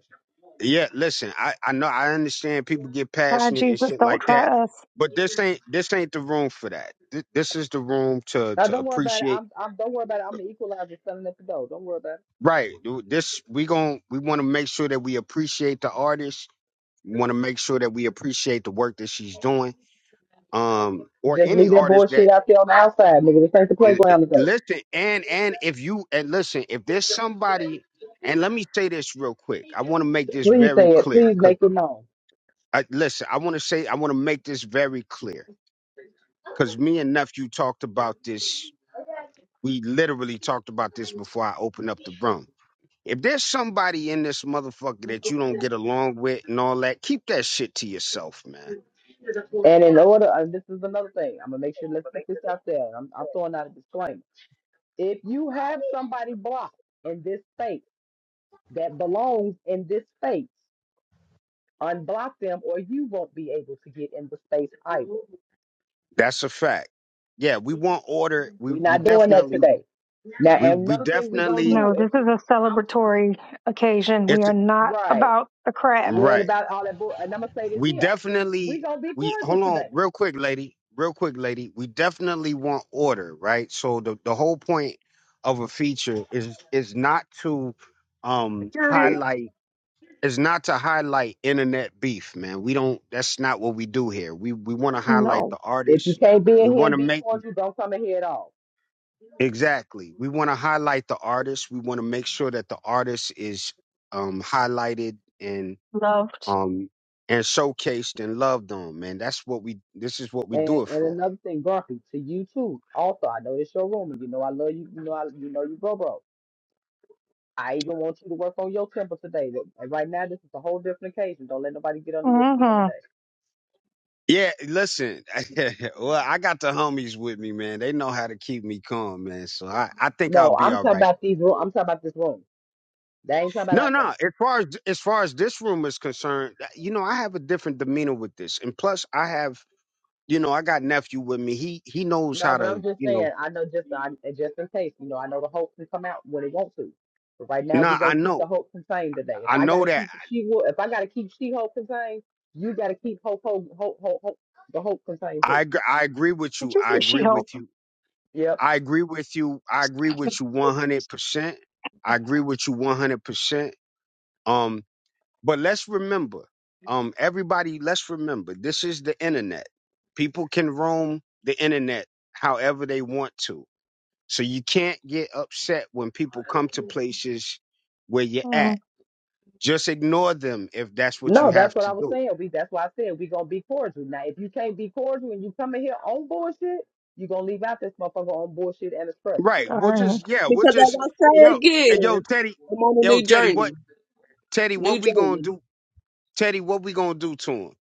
S1: Yeah, listen, I, I know I understand people get
S4: Try
S1: passionate and
S4: Jesus.
S1: shit
S4: Don't
S1: like that,
S4: try us.
S1: but this ain't this ain't the room for that. This, this is the room to
S5: Now
S1: to
S5: don't worry about it.
S1: appreciate.
S5: I'm, I'm don't worry about it. I'm the equalizer selling at the door. Don't worry about it.
S1: Right. dude, This we gon' we want to make sure that we appreciate the artist. We want to make sure that we appreciate the work that she's doing. Um, or
S5: Just
S1: any
S5: leave that
S1: artist that
S5: bullshit out there on the outside, nigga. This ain't the
S1: eh, eh,
S5: playground to go.
S1: listen and and if you and listen if there's somebody and let me say this real quick. I want to make this
S5: Please
S1: very
S5: say it.
S1: clear.
S5: Please
S1: Cause
S5: make it known.
S1: I, listen, I want to say I want to make this very clear because me and nephew talked about this. We literally talked about this before I opened up the room. If there's somebody in this motherfucker that you don't get along with and all that, keep that shit to yourself, man.
S5: And in order, and this is another thing. I'm gonna make sure. Let's put this out there. I'm, I'm throwing out a disclaimer. If you have somebody blocked in this space. that belongs in this space. Unblock them, or you won't be able to get in the space either.
S1: That's a fact. Yeah, we want order. We
S5: We're
S1: we
S5: not doing that
S1: definitely
S5: today. Now,
S1: we
S5: and
S1: we
S5: another thing we're gonna
S1: definitely
S4: No,
S5: do
S4: this
S5: if
S4: is a celebratory occasion. We
S1: it's
S4: are not
S5: right,
S4: about the crap.
S5: we ain't
S1: right.
S5: about all that bull. And I'm gonna say this
S1: We
S5: here: we're
S1: definitely
S5: gonna be
S1: we
S5: cordial
S1: hold on
S5: today.
S1: real quick, lady. Real quick, lady. We definitely want order, right? So the, the whole point of a feature is is not to um
S4: Security,
S1: highlight is not to highlight internet beef, man. We don't that's not what we do here. We we want to highlight
S4: no.
S1: the
S5: If you
S1: artists.
S5: can't be
S1: We
S5: in here
S1: want
S5: and
S1: to
S5: be
S1: make
S5: cordial, don't come in here at all.
S1: exactly. We want to highlight the artists. We want to make sure that the artist is um highlighted and
S4: Loved.
S1: um, and showcased and loved on, man. That's what we. This is what we do
S5: And,
S1: it
S5: and
S1: for.
S5: another thing, Grumpy, to you too. Also, I know it's your room, and you know I love you. You know I, you know you, bro, bro. I even want you to work on your temper today. Right now, this is a whole different occasion. Don't let nobody get under your skin
S4: Mm-hmm.
S5: today.
S1: Yeah, listen. well, I got the homies with me, man. They know how to keep me calm, man. So I, I think I'll
S5: No,
S1: be
S5: I'm
S1: all
S5: talking
S1: right.
S5: about these room. I'm talking about this room. That ain't talking about
S1: No, no.
S5: outside.
S1: As far as as far as this room is concerned, uh, you know, I have a different demeanor with this, and plus, I have, you know, I got nephew with me. He he knows
S5: No,
S1: how
S5: but I'm
S1: to,
S5: just
S1: you
S5: saying.
S1: know.
S5: I know just I, just in case. You know, I know the hope can come out when it wants to. But right now, we
S1: Nah,
S5: gonna
S1: I
S5: keep
S1: know,
S5: the hope contained today. If
S1: I
S5: I
S1: know
S5: gotta
S1: that.
S5: keep the she wo- if I gotta keep she hope contained, you gotta keep hope hope hope hope, hope the hope contained
S1: I
S5: too.
S1: agree, I agree with
S4: Did
S1: you.
S4: you
S1: I
S4: say She
S1: agree with
S4: Hulk?
S1: you.
S5: Yep.
S1: I agree with you. I agree with you 100%. I agree with you 100%. Um, but let's remember, um, everybody, let's remember, this is the internet. People can roam the internet however they want to. So you can't get upset when people come to places where you're
S4: Mm,
S1: at. Just ignore them if that's what
S5: No,
S1: you
S5: that's
S1: have
S5: what
S1: to
S5: I was
S1: do.
S5: saying. We that's why I said we gonna be cordial. Now, if you can't be cordial and you come in here on bullshit, you gonna leave out this motherfucker on bullshit and a stretcher.
S1: Right. We'll
S4: darn.
S1: just, yeah, we'll
S6: because as
S1: just,
S6: I say
S1: yo, and yo,
S6: again,
S1: Teddy,
S6: I'm on a
S1: yo,
S6: new
S1: Teddy, what,
S6: journey,
S1: Teddy,
S6: new
S1: what we gonna
S6: journey.
S1: do? Teddy, what we gonna do to him?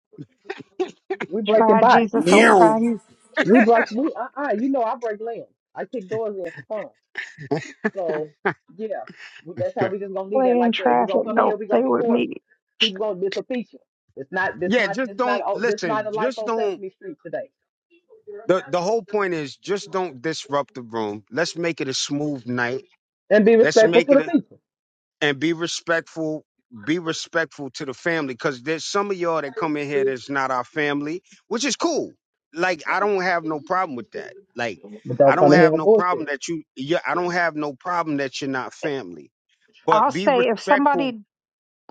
S5: We breaking
S4: Try
S5: bodies.
S4: Jesus. Don't
S3: Meow.
S4: try you.
S5: We broke we uh uh you know I break land. I kick doors in for fun. So yeah, we, that's how we just gonna leave that
S4: Play in
S5: like that. We gonna
S4: traffic.
S5: come in here.
S4: Don't
S5: We gonna
S4: play
S5: be
S4: with
S5: cordial.
S4: me.
S5: People gonna this a feature. It's not this
S1: Yeah,
S5: not
S1: just
S5: this not
S1: don't
S5: oh this not
S1: listen.
S5: a life
S1: Just
S5: on
S1: don't.
S5: Sesame Street today.
S1: the The whole point is just don't disrupt the room. Let's make it a smooth night.
S5: And be
S1: Let's
S5: respectful
S1: make
S5: to
S1: it
S5: the
S1: a
S5: people,
S1: and be respectful. Be respectful to the family because there's some of y'all that come in here that's not our family, which is cool. Like I don't have no problem with that. Like
S5: but
S1: I
S5: don't
S1: don't
S5: come in here
S1: have
S5: on
S1: no problem
S5: bullshit.
S1: that you. Yeah, I don't have no problem that you're not family. But
S4: I'll
S1: be
S4: say if
S1: respectful.
S4: somebody,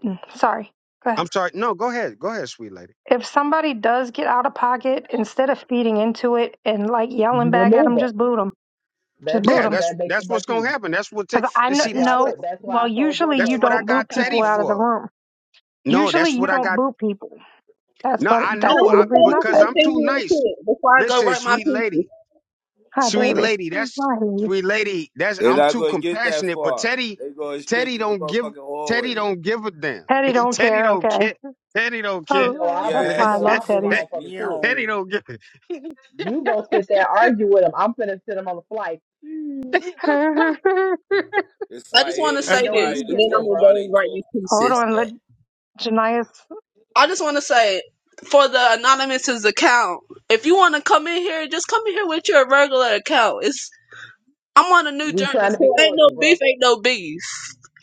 S4: mm, sorry, go ahead.
S1: I'm sorry. No, go ahead. Go ahead, sweet lady.
S4: If somebody does get out of pocket, instead of feeding into it and like yelling back at
S5: Remove
S4: them,
S5: them.
S4: just boot them. Just
S5: That's
S4: boot
S1: Yeah,
S5: because
S4: them.
S1: that's
S5: that makes it
S1: that's what's
S5: much
S1: gonna
S5: easier.
S1: happen. That's what. Ta-
S4: Because I
S1: see,
S5: That's
S4: kn-
S5: why
S1: that's
S5: I
S1: what.
S4: know,
S5: told, that's why
S4: well,
S5: I told bro
S4: usually
S1: That's
S4: you
S5: bro
S1: what
S5: because
S1: I
S4: don't boot
S1: got
S4: people
S1: Teddy
S5: sometimes
S4: out of the
S1: for.
S4: room
S1: No,
S4: Usually
S1: that's
S4: you
S1: what I
S4: don't
S1: got.
S4: boo people. That's
S1: No,
S4: what
S1: I
S4: that's
S6: And I
S4: the
S1: know I
S4: only
S6: just say
S4: reason I
S6: this
S1: because
S4: said it.
S6: one
S1: I'm
S6: thing
S1: too
S6: real
S1: nice.
S6: quick before I go
S1: Listen,
S6: write my
S1: sweet
S6: pieces.
S1: lady,
S4: Hi
S1: sweet
S4: baby.
S1: lady,
S4: Mm,
S1: that's
S4: I hear you.
S1: sweet lady. That's
S3: They're
S1: I'm
S3: not
S1: too
S3: gonna get that
S1: compassionate. But
S3: far.
S1: Teddy,
S3: They going straight
S1: Teddy
S3: to the
S1: don't give.
S3: motherfucking
S1: Teddy
S3: hallway.
S1: don't give a damn.
S4: Teddy don't
S1: Teddy
S4: care,
S1: don't
S4: okay.
S1: care. Teddy don't
S5: you
S1: care.
S4: Oh,
S5: know
S4: uh,
S5: I
S3: Your
S4: that's
S5: boo you
S4: why I
S3: ass
S5: know
S3: on the
S5: I
S4: love
S5: boo the
S4: Teddy.
S3: flight.
S5: motherfucker quick.
S3: Meow.
S1: Teddy don't give. a-
S5: You gonna sit there and argue with him. I'm finna sit him on the flight
S4: Hold
S3: It's
S6: I
S3: like
S6: just want to
S3: hitting
S5: Let me
S6: say
S5: know when
S6: this,
S3: somebody
S5: you
S3: in the
S6: and
S5: get
S6: then
S5: there,
S6: I'm
S3: throat
S6: gonna
S5: bro.
S3: while they
S6: go write these pieces.
S3: talking.
S4: on, let Janias
S6: I just want to say for the anonymous's account, if you want to come in here, just come in here with your regular account. It's I'm on a new
S5: We
S6: journey,
S5: trying to be
S6: so ain't
S5: cordial,
S6: no beef,
S5: bro.
S6: ain't no beef.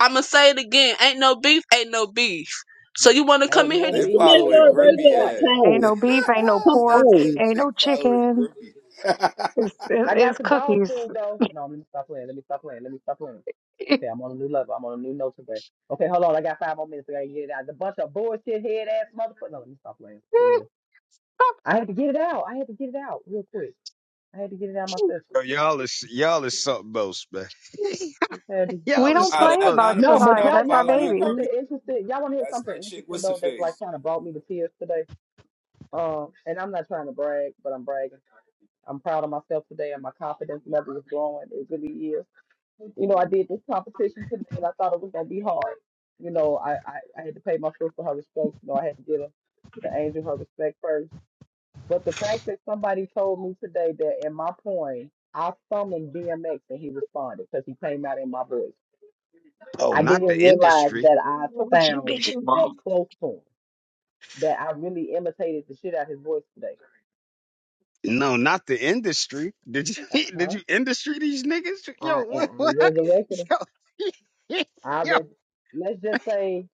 S6: I'ma say it again, ain't no beef, ain't no beef. So you want to come
S5: Ain't
S6: in here,
S5: no
S3: They
S6: just come
S5: beef,
S6: in
S3: follow
S5: ain't
S3: a
S5: no
S6: your
S5: beef
S3: grumpy
S5: twice.
S3: ass.
S6: regular
S4: ain't
S6: account.
S4: no beef, ain't no
S6: Come
S3: That's
S4: pork,
S3: that
S6: on.
S4: ain't
S3: chick
S4: no
S3: following
S4: chicken.
S3: grumpy.
S4: It's it,
S5: I got
S4: it's
S5: some dog
S4: cookies.
S5: food though. No, let me stop playing. Let me stop playing. Let me stop playing. Okay, I'm on a new level. I'm on a new note today. Okay, hold on. I got five more minutes. I gotta get it out. The bunch of bullshit head ass motherfucker. No, let me stop playing. For real. I had to get it out. I had to get it out real quick. I had to get it out my system.
S1: y'all is y'all is something else, man.
S5: Just had to-
S4: we
S1: y'all is
S4: don't
S3: Nah,
S4: play
S1: something
S3: that
S1: else.
S4: about
S5: No,
S3: anonymous
S5: but
S4: Janiah.
S3: not
S5: y'all
S4: That's our
S5: y'all want to
S3: following
S5: hear
S4: baby.
S5: something
S3: grumpy.
S5: interesting? Y'all want to hear
S3: That's
S5: something
S3: that chick.
S5: interesting
S3: What's the
S5: though? That's like
S3: face?
S5: kind of brought me to tears today. Um, and I'm not trying to brag, but I'm bragging. I'm proud of myself today, and my confidence level is growing. It really is. You know, I did this competition today, and I thought it was gonna be hard. You know, I I, I had to pay my sister her respects. You know, I had to give her the angel her respect first. But the fact that somebody told me today that in my poem I summoned DMX and he responded because he came out in my voice.
S1: Oh,
S5: I
S1: not the
S5: didn't realize
S1: industry.
S5: that I sound that close to him, that I really imitated the shit out his voice today.
S1: No, not the industry. Did you did
S5: Uh-huh.
S1: you industry these niggas? Yo,
S5: I, and
S1: what,
S5: I
S1: what?
S5: was elected.
S1: Yo,
S5: I
S1: yo.
S5: read, let's just say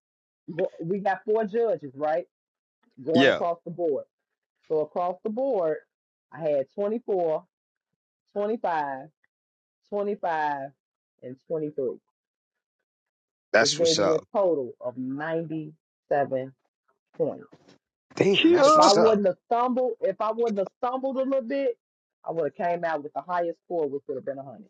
S5: bo- we got four judges, right? Going
S1: Yeah,
S5: across the board. So across the board, I had 24, 25, 25, and 23, which
S1: that's
S5: gave
S1: what's
S5: me
S1: up.
S5: a total of 97 points.
S1: Damn,
S5: If
S1: that's
S5: I
S4: You
S1: what's up.
S5: wouldn't have stumbled, if I wouldn't have stumbled a little bit, I would have came out with the highest score, which would have been 100.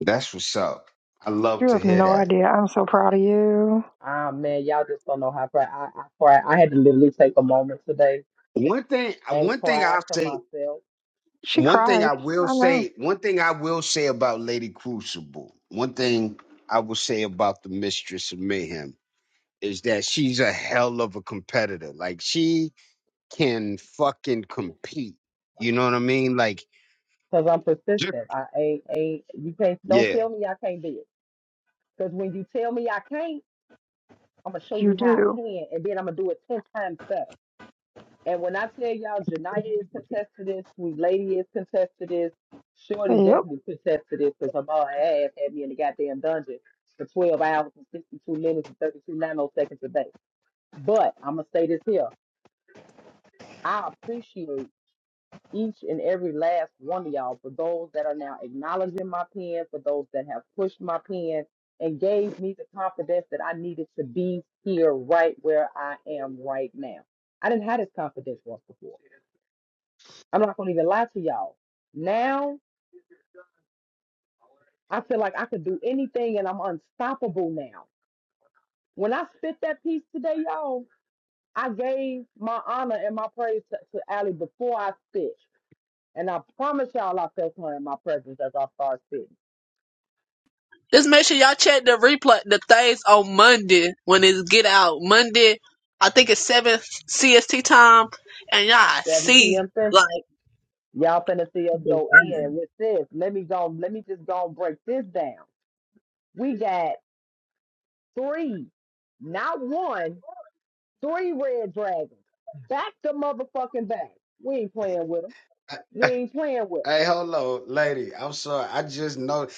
S1: That's what's up. I love
S4: you
S1: to
S4: have
S1: hear
S4: no
S1: that.
S4: idea. I'm so proud of you.
S5: Ah man, y'all just don't know how proud I, I, proud- I had to literally take a moment today
S1: One thing,
S5: and
S1: one thing
S5: cried
S1: I'll
S5: to
S1: say,
S5: myself
S4: She
S1: one thing
S4: cried.
S1: I will
S4: I know.
S1: say, one thing I will say about Lady Crucible, one thing I will say about the Mistress of Mayhem is that she's a hell of a competitor. Like she can fucking compete. You know what I mean? Like
S5: because I'm
S1: Ju-
S5: persistent. I ain't ain't you can't don't
S1: Yeah.
S5: tell me I can't do it. Because when you tell me I can't, I'm gonna show
S4: You
S5: you how I
S4: do.
S5: can, and then I'm gonna do it ten times better. And when I tell y'all, Janaya is contested to this, Sweet Lady is contested to this, Shorty
S4: Yep.
S5: definitely contested to this because her mom ass had me in the goddamn dungeon for 12 hours and 62 minutes and 32 nanoseconds a day. But I'm gonna say this here: I appreciate each and every last one of y'all for those that are now acknowledging my pen, for those that have pushed my pen and gave me the confidence that I needed to be here right where I am right now. I didn't have this confidence once before. I'm not going to even lie to y'all. Now I feel like I could do anything and I'm unstoppable now. When I spit that piece today, y'all, I gave my honor and my praise to, to Allie before I spit. And I promise y'all I felt her in my presence as I started spitting.
S6: Just make sure y'all check the replay, the things on Monday when it's get out. Monday, I think it's 7 CST time, and y'all
S5: 7
S6: see.
S5: p.m. thing,
S6: like.
S5: y'all finna see us go
S6: divine.
S5: in with this. Let me go, let me just go and break this down. We got three, not one, three red dragons. Back to motherfucking back. We ain't playing with them. We ain't playing with
S1: Hey, hello, lady. I'm sorry. I just know.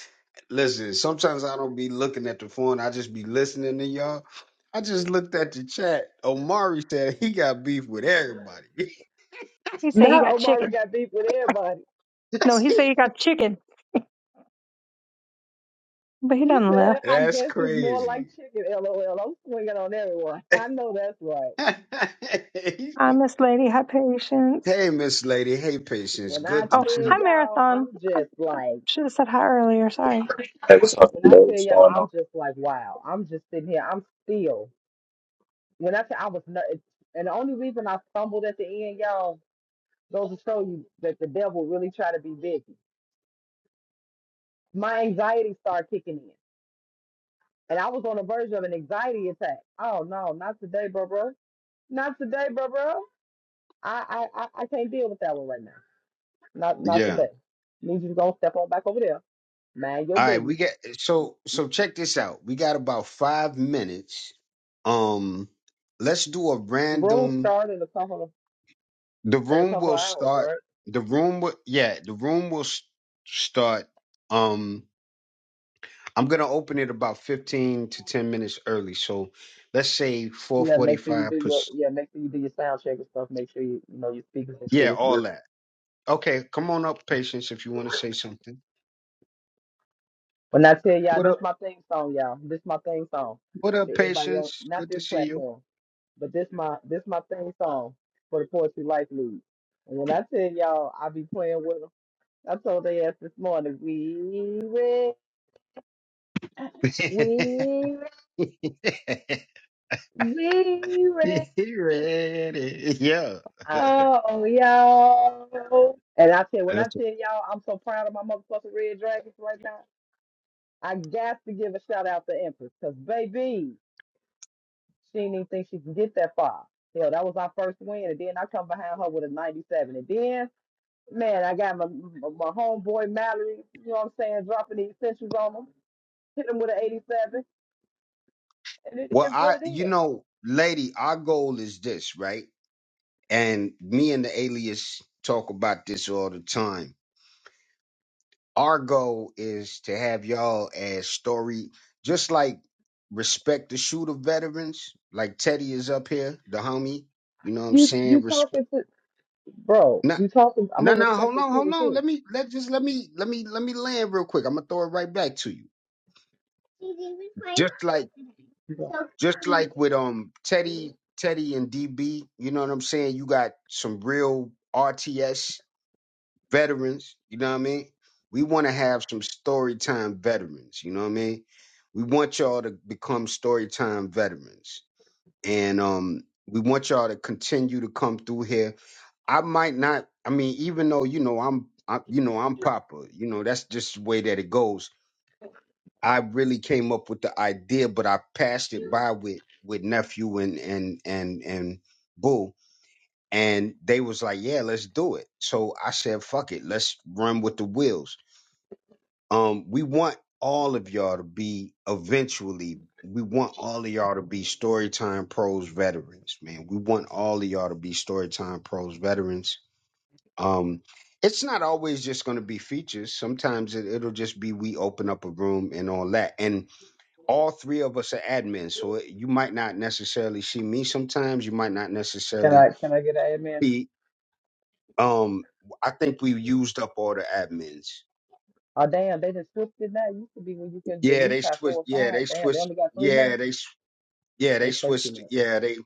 S1: Listen, sometimes I don't be looking at the phone. I just be listening to y'all. I just looked at the chat. Omari said he got beef with everybody.
S4: He
S5: them.
S4: said he
S5: Now
S4: got chicken.
S5: Omari got beef with everybody.
S4: No, he said he got chicken, but he
S5: He
S4: done
S5: said,
S4: left.
S5: I
S1: That's
S5: guess it's more like
S1: crazy.
S5: chicken, lol. I'm swinging on everyone. I know that's right.
S1: hey,
S4: Hi, Miss Lady. Hi, Patience.
S1: Miss Lady. Hey, Patience.
S5: When I
S1: Good to
S4: Oh,
S5: tell
S1: see.
S4: hi,
S5: y'all,
S4: Marathon.
S5: I'm
S4: I
S5: just like,
S4: should have said hi earlier. Sorry.
S7: Hey, what's up,
S5: when I
S7: bro?
S5: tell y'all, I'm just like, wow. I'm just sitting here. I'm still When I say I was not, and the only reason I stumbled at the end, y'all, goes to show you that the devil really try to be busy. My anxiety started kicking in, and I was on the verge of an anxiety attack. Oh no, not today, bro, bro. Not today, bro, bro. I, I, I I can't deal with that one right now. Not, not
S1: Yeah.
S5: today. Need you to go step on back over there. Mind your
S1: All right. We
S5: business.
S1: got so so. Check this out. We got about five minutes. Um, let's do a
S5: Room
S1: random.
S5: start in a couple of
S1: The
S5: in a
S1: room
S5: couple
S1: will
S5: of hours,
S1: start.
S5: right?
S1: The room will yeah. The room will s- start. Um, I'm gonna open it about 15 to 10 minutes early. So let's say
S5: Yeah, make sure you do
S1: 4:45.
S5: your
S1: pers-
S5: yeah, make sure you do your sound check and stuff. Make sure you you know your speakers and shit
S1: Yeah,
S5: is
S1: all
S5: good.
S1: that. Okay, come on up, patience, if you want to say something.
S5: When I tell y'all,
S1: What
S5: this
S1: up?
S5: my thing song, y'all. This my thing song.
S1: What up,
S5: For anybody else,
S1: patience?
S5: not
S1: Good
S5: this
S1: to see you.
S5: platform, but this my this my thing song for the Poetry Life League. And when I tell y'all, I be playing with them. I told they ass this morning, we ready, we ready, we ready,
S1: He ready? Yeah. That's-
S5: oh y'all. And I tell when I tell y'all, I'm so proud of my motherfucking Red Dragons right now. I got to give a shout out to Empress, cause baby. She didn't even think she could get that far. Hell, that was our first win, and then I come behind her with a 97. And then, man, I got my my homeboy Mallory, you know what I'm saying, dropping the essentials on him, hit him with an 87, and it
S1: well,
S5: is what
S1: I
S5: it is.
S1: you know, lady, our goal is this, right? And me and the alias talk about this all the time. Our goal is to have y'all as story, just like respect the shooter veterans, like Teddy is up here, the homie. You know what I'm
S5: You
S1: saying?
S5: you
S1: Respect.
S5: talking to bro?
S1: No,
S5: You talking? I'm
S1: no,
S5: gonna
S1: no.
S5: respect
S1: Hold
S5: the
S1: on,
S5: shooter
S1: hold on.
S5: too.
S1: Let me let just let me let me let me land real quick. I'm gonna throw it right back to you. Just like just like with um Teddy, Teddy and DB. You know what I'm saying? You got some real RTS veterans, you know what I mean? We want to have some story time veterans, you know what I mean? We want y'all to become story time veterans. And um we want y'all to continue to come through here. I might not, I mean, even though, you know, I'm I, you know, I'm Papa, you know, that's just the way that it goes. I really came up with the idea, but I passed it by with with nephew and and and and boo and they was like, "Yeah, let's do it." So I said, "Fuck it, let's run with the wheels." Um, we want all of y'all to be eventually. We want all of y'all to be Storytime Pros veterans, man. We want all of y'all to be Storytime Pros veterans. Um, it's not always just going to be features. Sometimes it, it'll just be we open up a room and all that. And all three of us are admins, so it, you might not necessarily see me. Sometimes you might not
S5: Can
S1: necessarily
S5: I can I get an amen?
S1: see Um, I think we used up all the admins.
S5: Oh damn, they just switched it now. It used to be when you could at
S1: Yeah,
S5: least
S1: they
S5: have four
S1: switched.
S5: or
S1: Yeah, they
S5: five. Damn, they
S1: switched.
S5: only got three now.
S1: Yeah, they. s- Yeah, they
S5: They play too
S1: switched.
S5: much.
S1: Yeah, they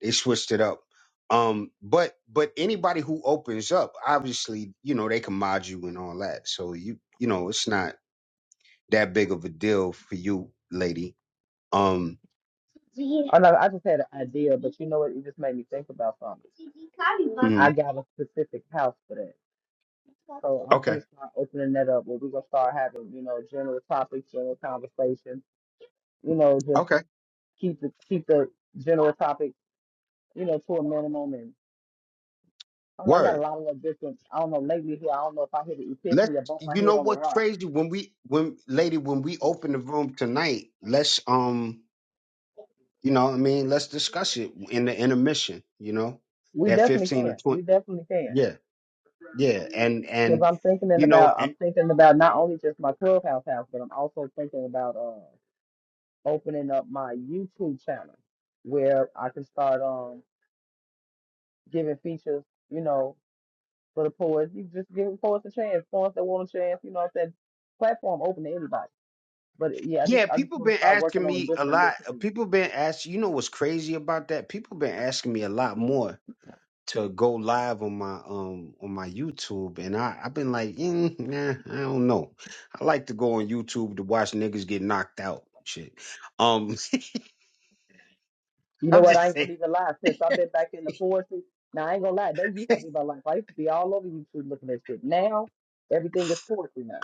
S1: they switched it up. Um, but but anybody who opens up, obviously, you know, they can mod you and all that. So you you know, it's not that big of a deal for you, lady. Um.
S5: Oh no, I just had an idea, but you know what? It just made me think about something. I
S1: mhm.
S5: got a specific house for that. So I'm
S1: Okay.
S5: gonna start opening that up where we're gonna start having, you know, general topics, general conversation, you know, just
S1: Okay.
S5: keep the keep the general topic, you know, to a minimum and I, don't know, I got a
S1: Word.
S5: lot of different I don't know, lately here I don't know if I hit an
S1: Let's.
S5: epiphany or bump my
S1: You
S5: head
S1: know
S5: on a
S1: what's
S5: rock.
S1: crazy when we when lady when we open the room tonight. Let's um. You know, what I mean, let's discuss it in the intermission. You know,
S5: We
S1: that
S5: definitely
S1: fifteen to
S5: can. We
S1: twenty.
S5: definitely can.
S1: Yeah, yeah, and
S5: Because
S1: and
S5: I'm thinking in
S1: you know,
S5: about
S1: and,
S5: I'm thinking about not only just my clubhouse house, but I'm also thinking about uh opening up my YouTube channel where I can start um giving features, you know, for the poets. You just give poets a chance, poets that want a chance, you know what I'm saying? Platform open to anybody. But yeah, I just
S1: yeah,
S5: I just
S1: people
S5: want to
S1: been
S5: start working
S1: asking
S5: on
S1: me a
S5: different new
S1: lot. uh,
S5: things.
S1: People been asking. You know what's crazy about that? People been asking me a lot more to go live on my um on my YouTube, and I I've been like, mm, nah, I don't know. I like to go on YouTube to watch niggas get knocked out. and Shit. Um,
S5: You know
S1: I'm
S5: what? I
S1: just
S5: ain't gonna
S1: saying.
S5: even lie. Since I've been back in the poetry, now I ain't gonna lie, they used to be my life. I used to be all over YouTube looking at shit. Now everything is poetry now.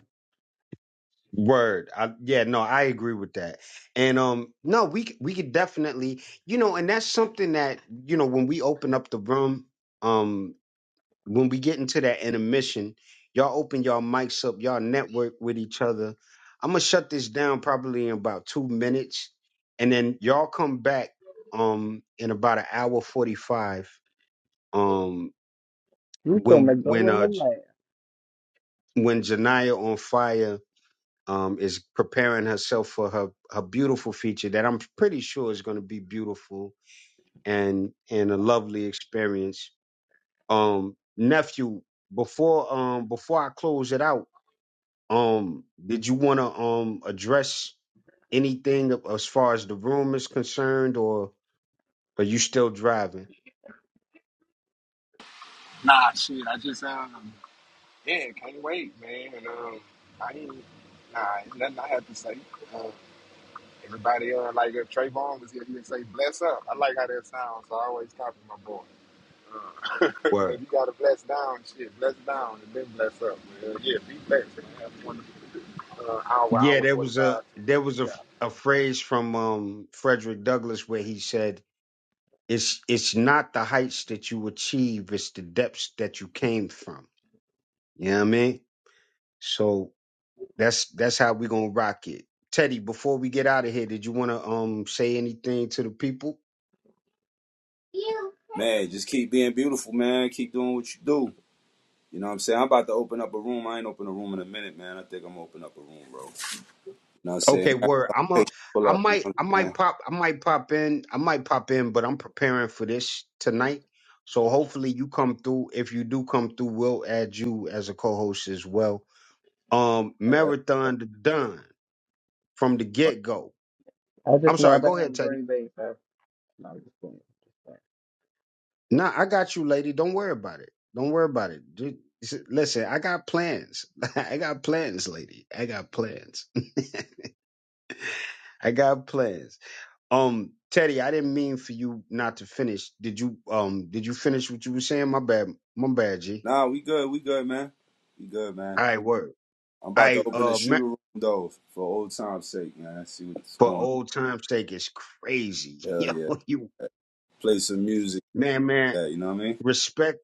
S1: Word. I, yeah, no, I agree with that. And um no, we c- we could definitely, you know, and that's something that, you know, when we open up the room, um when we get into that intermission, y'all open y'all mics up, y'all network with each other. I'm going to shut this down probably in about 2 minutes and then y'all come back um in about an hour 45 um
S5: You
S1: when
S5: finna go
S1: when
S5: in the
S1: uh J-
S5: lab.
S1: when Janiyah on fire um, is preparing herself for her her beautiful feature that I'm pretty sure is going to be beautiful and and a lovely experience. Um, nephew, before um before I close it out, um, did you want to um address anything as far as the room is concerned, or are you still driving? Word. Yeah, there was a there was a, a phrase from um Frederick Douglass where he said it's it's not the heights that you achieve, it's the depths that you came from. You know what I mean? So that's that's how we are gonna rock it. Teddy, before we get out of here, did you wanna um say anything to the people?
S3: Man, just keep being beautiful, man. Keep doing what you do. You know what I'm saying? I'm about to open up a room. I ain't open a room in a minute, man. I think I'm gonna open up a room, bro. You know what I'm saying?
S1: Okay, word. I'm
S3: Hey,
S1: a
S3: pull
S1: I
S3: up. You
S1: might
S3: know what
S1: I
S3: I'm saying?
S1: might pop I might pop in. I might pop in, but I'm preparing for this tonight. So hopefully you come through. If you do come through, we'll add you as a co-host as well. Um
S3: Like, that's, that-
S1: Marathon the Don from the
S3: fuck.
S1: get-go.
S5: I
S1: I'm
S5: just know I
S1: sorry, go
S5: better have a
S1: ahead, Teddy.
S5: green bag, so no, I'm just playing.
S1: Nah, I got you, lady. Don't worry about it. Don't worry about it. Dude, s- listen, I got plans. I got plans, lady. I got plans. I got plans. Um, Teddy, I didn't mean for you not to finish. Did you um did you finish what you were saying? My bad. My bad, G.
S3: nah, we good. We good, man. We good, man.
S1: All right, word.
S3: I'm about to
S1: I
S3: open a
S1: uh ma-
S3: shooter room though, for old time's sake, man. See what's
S1: for
S3: going. on.
S1: old time's sake, it's crazy.
S3: Hell
S1: Yo,
S3: yeah.
S1: you
S3: Play some music.
S1: man, man.
S3: that. You know what I mean?
S1: Respect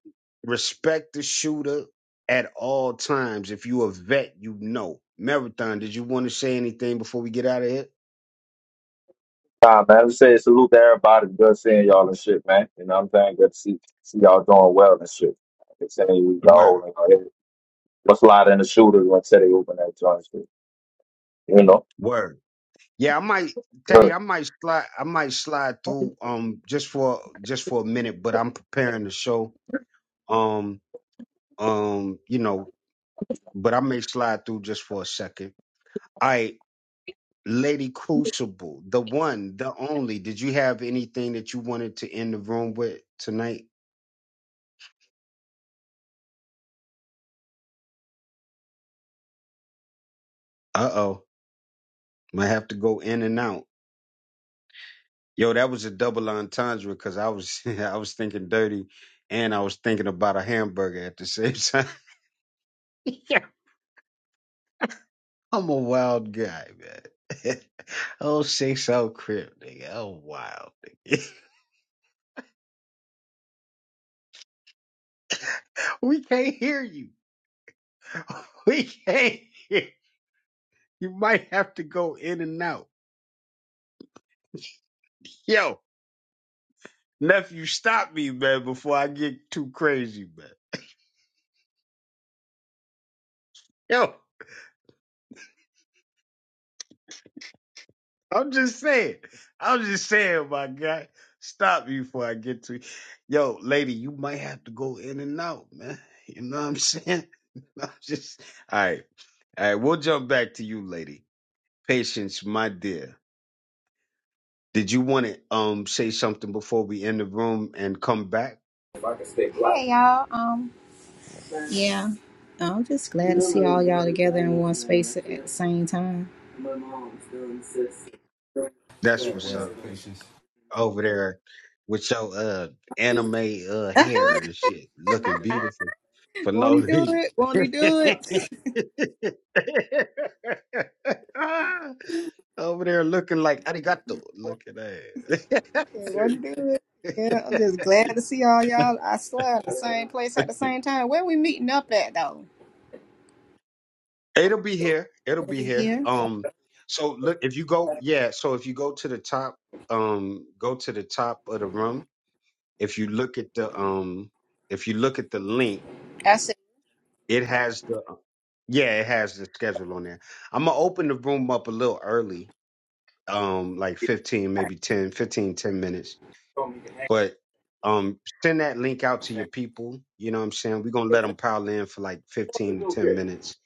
S1: respect the shooter at all times. If you a vet, you know. Marathon, did you want to say anything before we get out of here?
S7: Nah, man. Let's say salute to everybody. Good seeing y'all and shit, man. You know what I'm saying? Good to see, see y'all doing well and shit. It's saying we got
S1: Word.
S7: holding. What's a lot in the shooter when said they open that joint and shit? You know?
S1: Word. Yeah, I might Teddy, I might slide I might slide through um just for just for a minute, but I'm preparing the show. Um um, you know, but I may slide through just for a second. All right, Lady Crucible, the one, the only. Did you have anything that you wanted to end the room with tonight? Uh oh. Might have to go in and out. Yo, that was a double entendre because I was I was thinking dirty and I was thinking about a hamburger at the same time. yeah. I'm a wild guy, man. oh, say so crib, nigga. Oh wild nigga. we can't hear you. We can't hear you. Might have to go in and out. Yo, nephew, stop me, man, before I get too crazy, man. Yo. I'm just saying. I'm just saying, my guy. Stop you before I get to Yo, lady, you might have to go in and out, man. You know what I'm saying? I'm just all right. All right, we'll jump back to you, lady. Patience, my dear. Did you want to um say something before we end the room and come back?
S8: Hey y'all. Um. Yeah. I'm just glad to see all y'all together in one space at the same time.
S3: It's
S1: That's
S3: that
S1: what's up.
S3: word, patience.
S1: over there with your uh anime uh hair and shit, looking beautiful for
S8: Won't
S1: no
S8: he do
S1: reason.
S8: it? Won't he do it?
S1: over there looking like arigato, looking at.
S8: Yeah, won't he do it? Yeah. I'm just glad to see all y'all. I swear, in the same place at the same time. Where we meeting up at though?
S1: It'll be here. It'll
S8: Over
S1: be here.
S8: here.
S1: Um. So look, if you go, yeah. So if you go to the top, um, go to the top of the room. If you look at the, um, if you look at the link.
S8: I said.
S1: It has the uh, yeah, it has the schedule on there. I'm gonna open the room up a little early, um, like 15, maybe 10, 15, 10 minutes.
S8: All
S1: But um, send that link out to your people. You know what I'm saying? We're gonna let them pile in for like 15 to 10 minutes,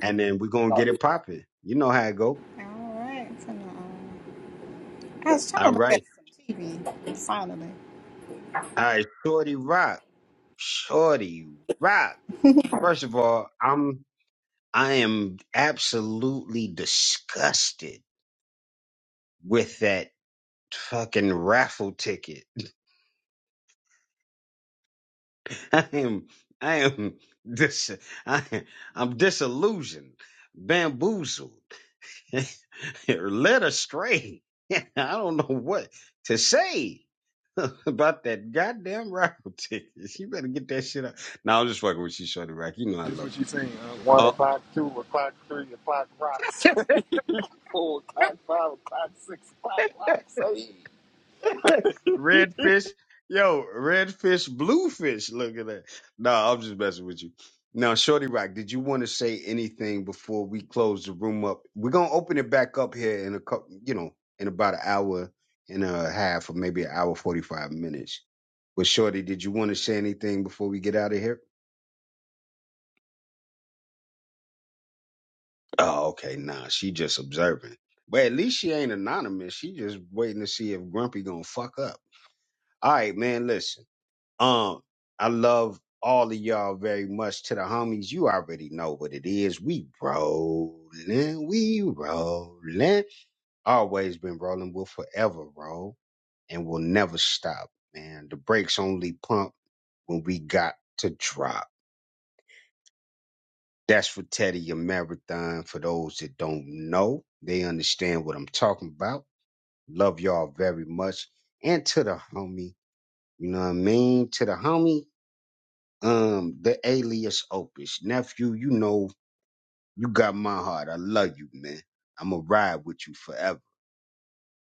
S1: and then we're gonna get it popping. You know how it go.
S8: right. Come on. I was trying to
S1: All
S8: look at
S1: right,
S8: some TV. Finally.
S1: all right, shorty rock, shorty rock. First of all, I'm I am absolutely disgusted with that fucking raffle ticket. I am, I am dis, I, I'm disillusioned, bamboozled, or led astray. I don't know what to say about that goddamn raffle ticket. You better get that shit up. No, I'm just fucking with you, Shorty Rack. You know I love you. Uh, redfish, yo, redfish, bluefish. Look at that. No, I'm just messing with you. Now, Shorty Rock, did you want to say anything before we close the room up? We're gonna open it back up here in a couple, you know, in about an hour and a half, or maybe an hour forty-five minutes. But Shorty, did you want to say anything before we get out of here? Oh, okay. Nah, she just observing. But at least she ain't anonymous. She just waiting to see if Grumpy gonna fuck up. All right, man. Listen. Um, I love all of y'all very much. To the homies, you already know what it is. We rolling, we rolling. Always been rolling. We'll forever roll, and we'll never stop. Man, the brakes only pump when we got to drop. That's for Teddy your marathon. For those that don't know, they understand what I'm talking about. Love y'all very much. And to the homie, you know what I mean? To the homie, um the alias opus nephew you know you got my heart i love you man i'ma ride with you forever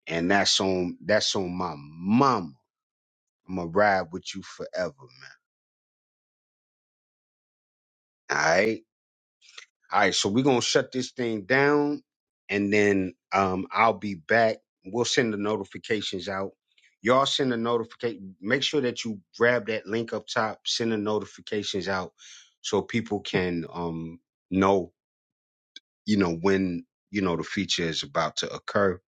S1: and that's on that's on my mama i'ma ride with you forever man all right all right so we're gonna shut this thing down and then um i'll be back we'll send the notifications out y'all send the notification make sure that you grab that link up top send the notifications out so people can um know you know, when, you know, the feature is about to occur.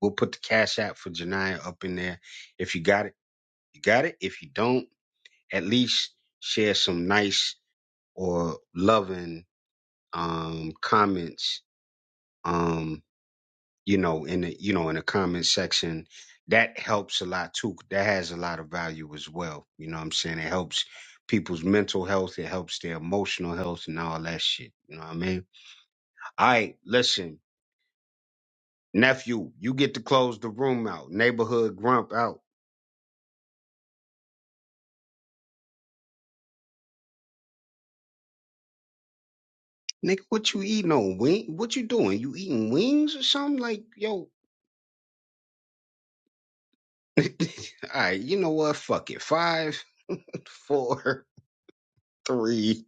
S1: We'll put the cash app for Janiyah up in there. If you got it, you got it. If you don't, at least share some nice or loving um comments um you know in the you know in the comment section that helps a lot too that has a lot of value as well you know what i'm saying it helps people's mental health it helps their emotional health and all that shit you know what i mean all right listen Nephew, you get to close the room out. Neighborhood grump out. Nigga, what you eating on wing? What you doing? You eating wings or something? Like, yo. All right, you know what? Fuck it. Five, four, three,